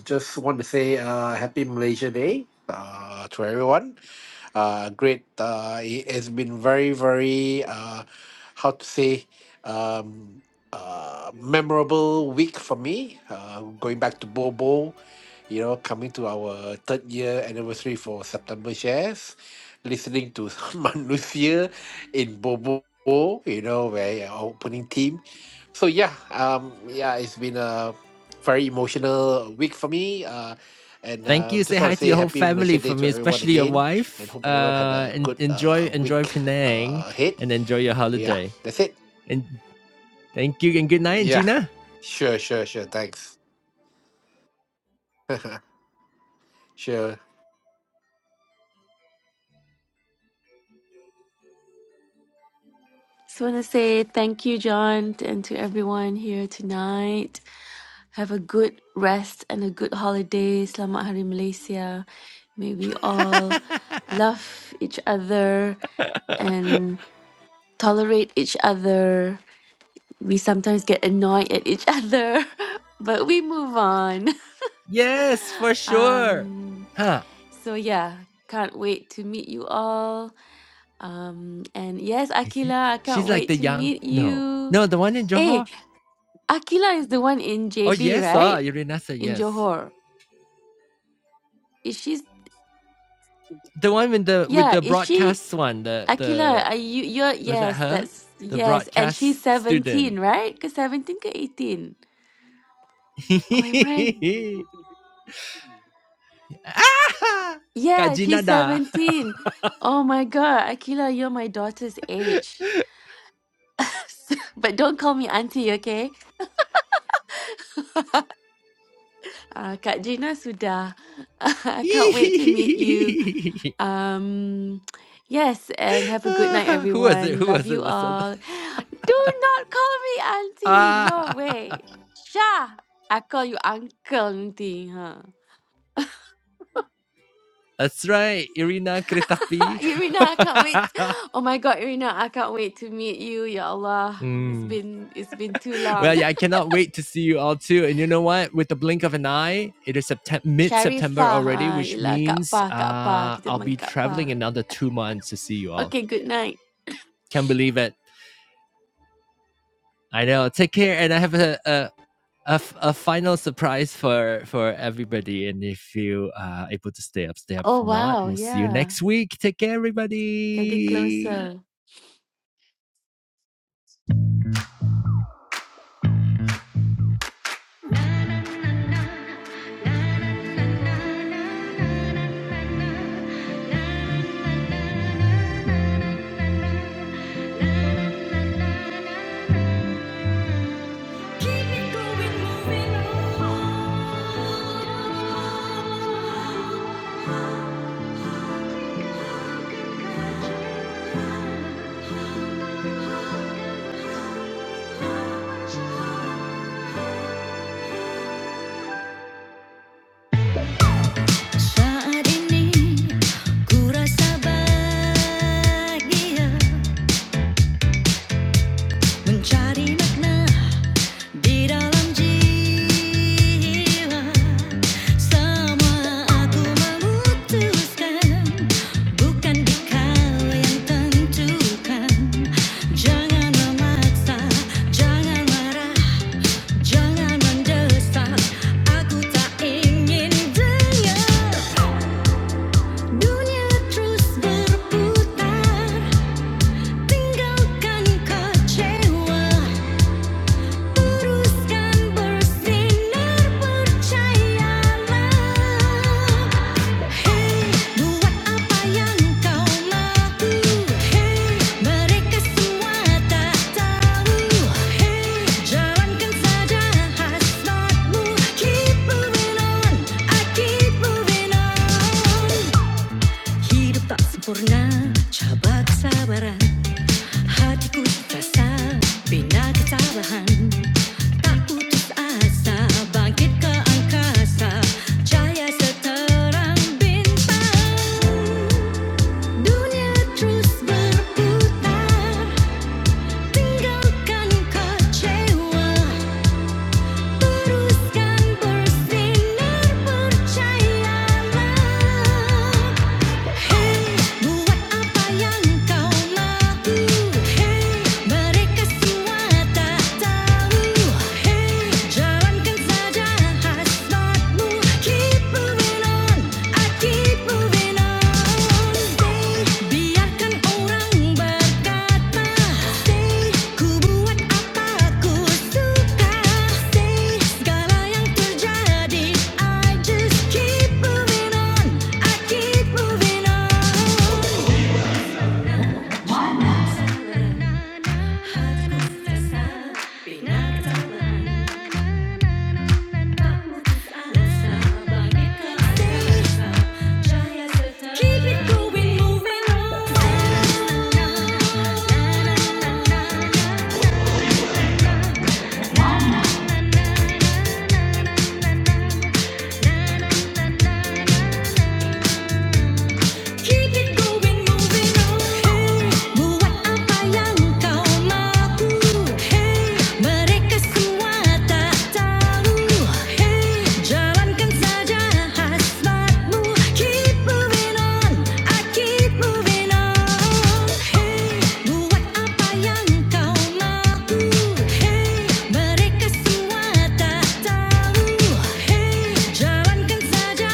Speaker 6: just want to say uh, happy Malaysia Day uh, to everyone. Uh, great. Uh, it has been very, very, uh, how to say, um, uh, memorable week for me. Uh, going back to Bobo, you know, coming to our third year anniversary for September shares, listening to Manusia in Bobo, you know, where our opening team so yeah, um, yeah, it's been a very emotional week for me, uh, and uh, just want to say happy Malaysia Day to everyone again, and hope everyone had a good uh, week uh, ahead. Yeah, that's it. Yeah, sure, sure, sure. Thanks. sure.
Speaker 2: Just want to say thank you, John, and to everyone here tonight. Have a good rest and a good holiday. Selamat Hari Malaysia. May we all love each other and tolerate each other we sometimes get annoyed at each other, but we move on. Um, so yeah, can't wait to meet you all. Um, and yes, Akila, I can't wait to meet you. Hey, Akila is the one in JB, right? In Johor. Is she? Yeah, is she? Akila, are you? You're yes. That's yes. And she's seventeen, right? Cause seventeen, ke eighteen. Oh, am I? Yeah, she's 17. Oh my God, Akila, you're my daughter's age. But don't call me auntie, okay? Uh, Kak Gina sudah. I can't wait to meet you. Um, yes, and have a good night, everyone. Love you all. Do not call me auntie. No way. Sha, I call you uncle nanti. Huh? Irina, I can't wait. Oh my God, Irina, I can't wait to meet you. Ya Allah, it's been it's been too long. Sharifah, ah, yelah Kak Pa, Kak Pa. Kita panggil Kak Pa. Okay, good night. Oh wow, yeah. Getting closer.
Speaker 1: Saat ini ku rasa bahagia mencari makna Di dalam jiwa semua aku memutuskan bukan kau yang tentukan jangan memaksa jangan marah jangan mendesak aku tak ingin dengar dunia terus berputar tinggalkan kecewa teruskan bersinar percayalah Hey buat apa yang kau mahu Hey mereka semua tak tahu Hey jalankan saja hasratmu Keep moving on, I keep moving on Hidup tak sempurna, cabat sabaran Hatiku terasa bina kecerahan Tak putus asa bangkit ke angkasa Cahaya seterang bintang Dunia terus berputar Tinggalkan kecewa teruskan bersinar percayalah Hey buat apa yang kau mahu Hey mereka semua tak tahu Hey jalankan saja hasratmu keep moving on. I keep moving on. Biarkan orang berkata, ku buat apa ku suka. Segala yang terjadi, I just keep moving on. I keep moving on. Keep it going, moving on. Keep it going, moving on. Hey, buat apa yang kau mahu? Hey, mereka semua tak tahu. Hey, jalankan saja hasratmu. Keep moving on, I keep moving on. Hey, buat apa yang kau mahu? Hey, mereka semua tak tahu. Hey, jalankan saja.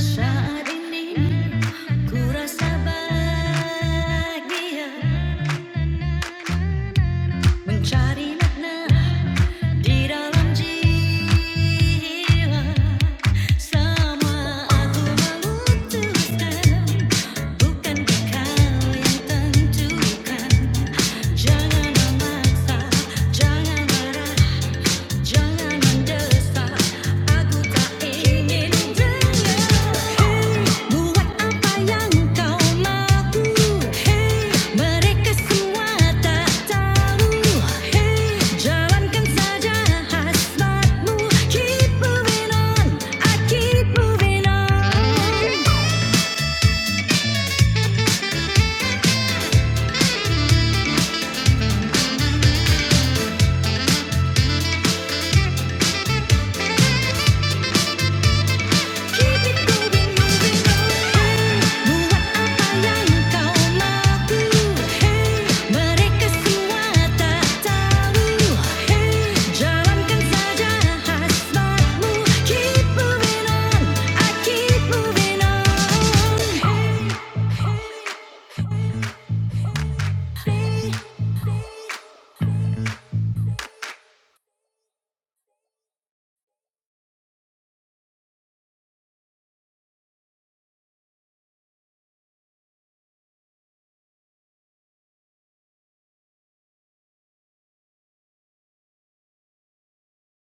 Speaker 1: Saat ini ku rasa bahagia mencari makna Jangan memaksa, jangan marah Hey, buat apa yang kau mahu? Hey, mereka semua tak tahu. Hey, jalankan saja hasratmu. Keep moving on, I keep moving on. Hey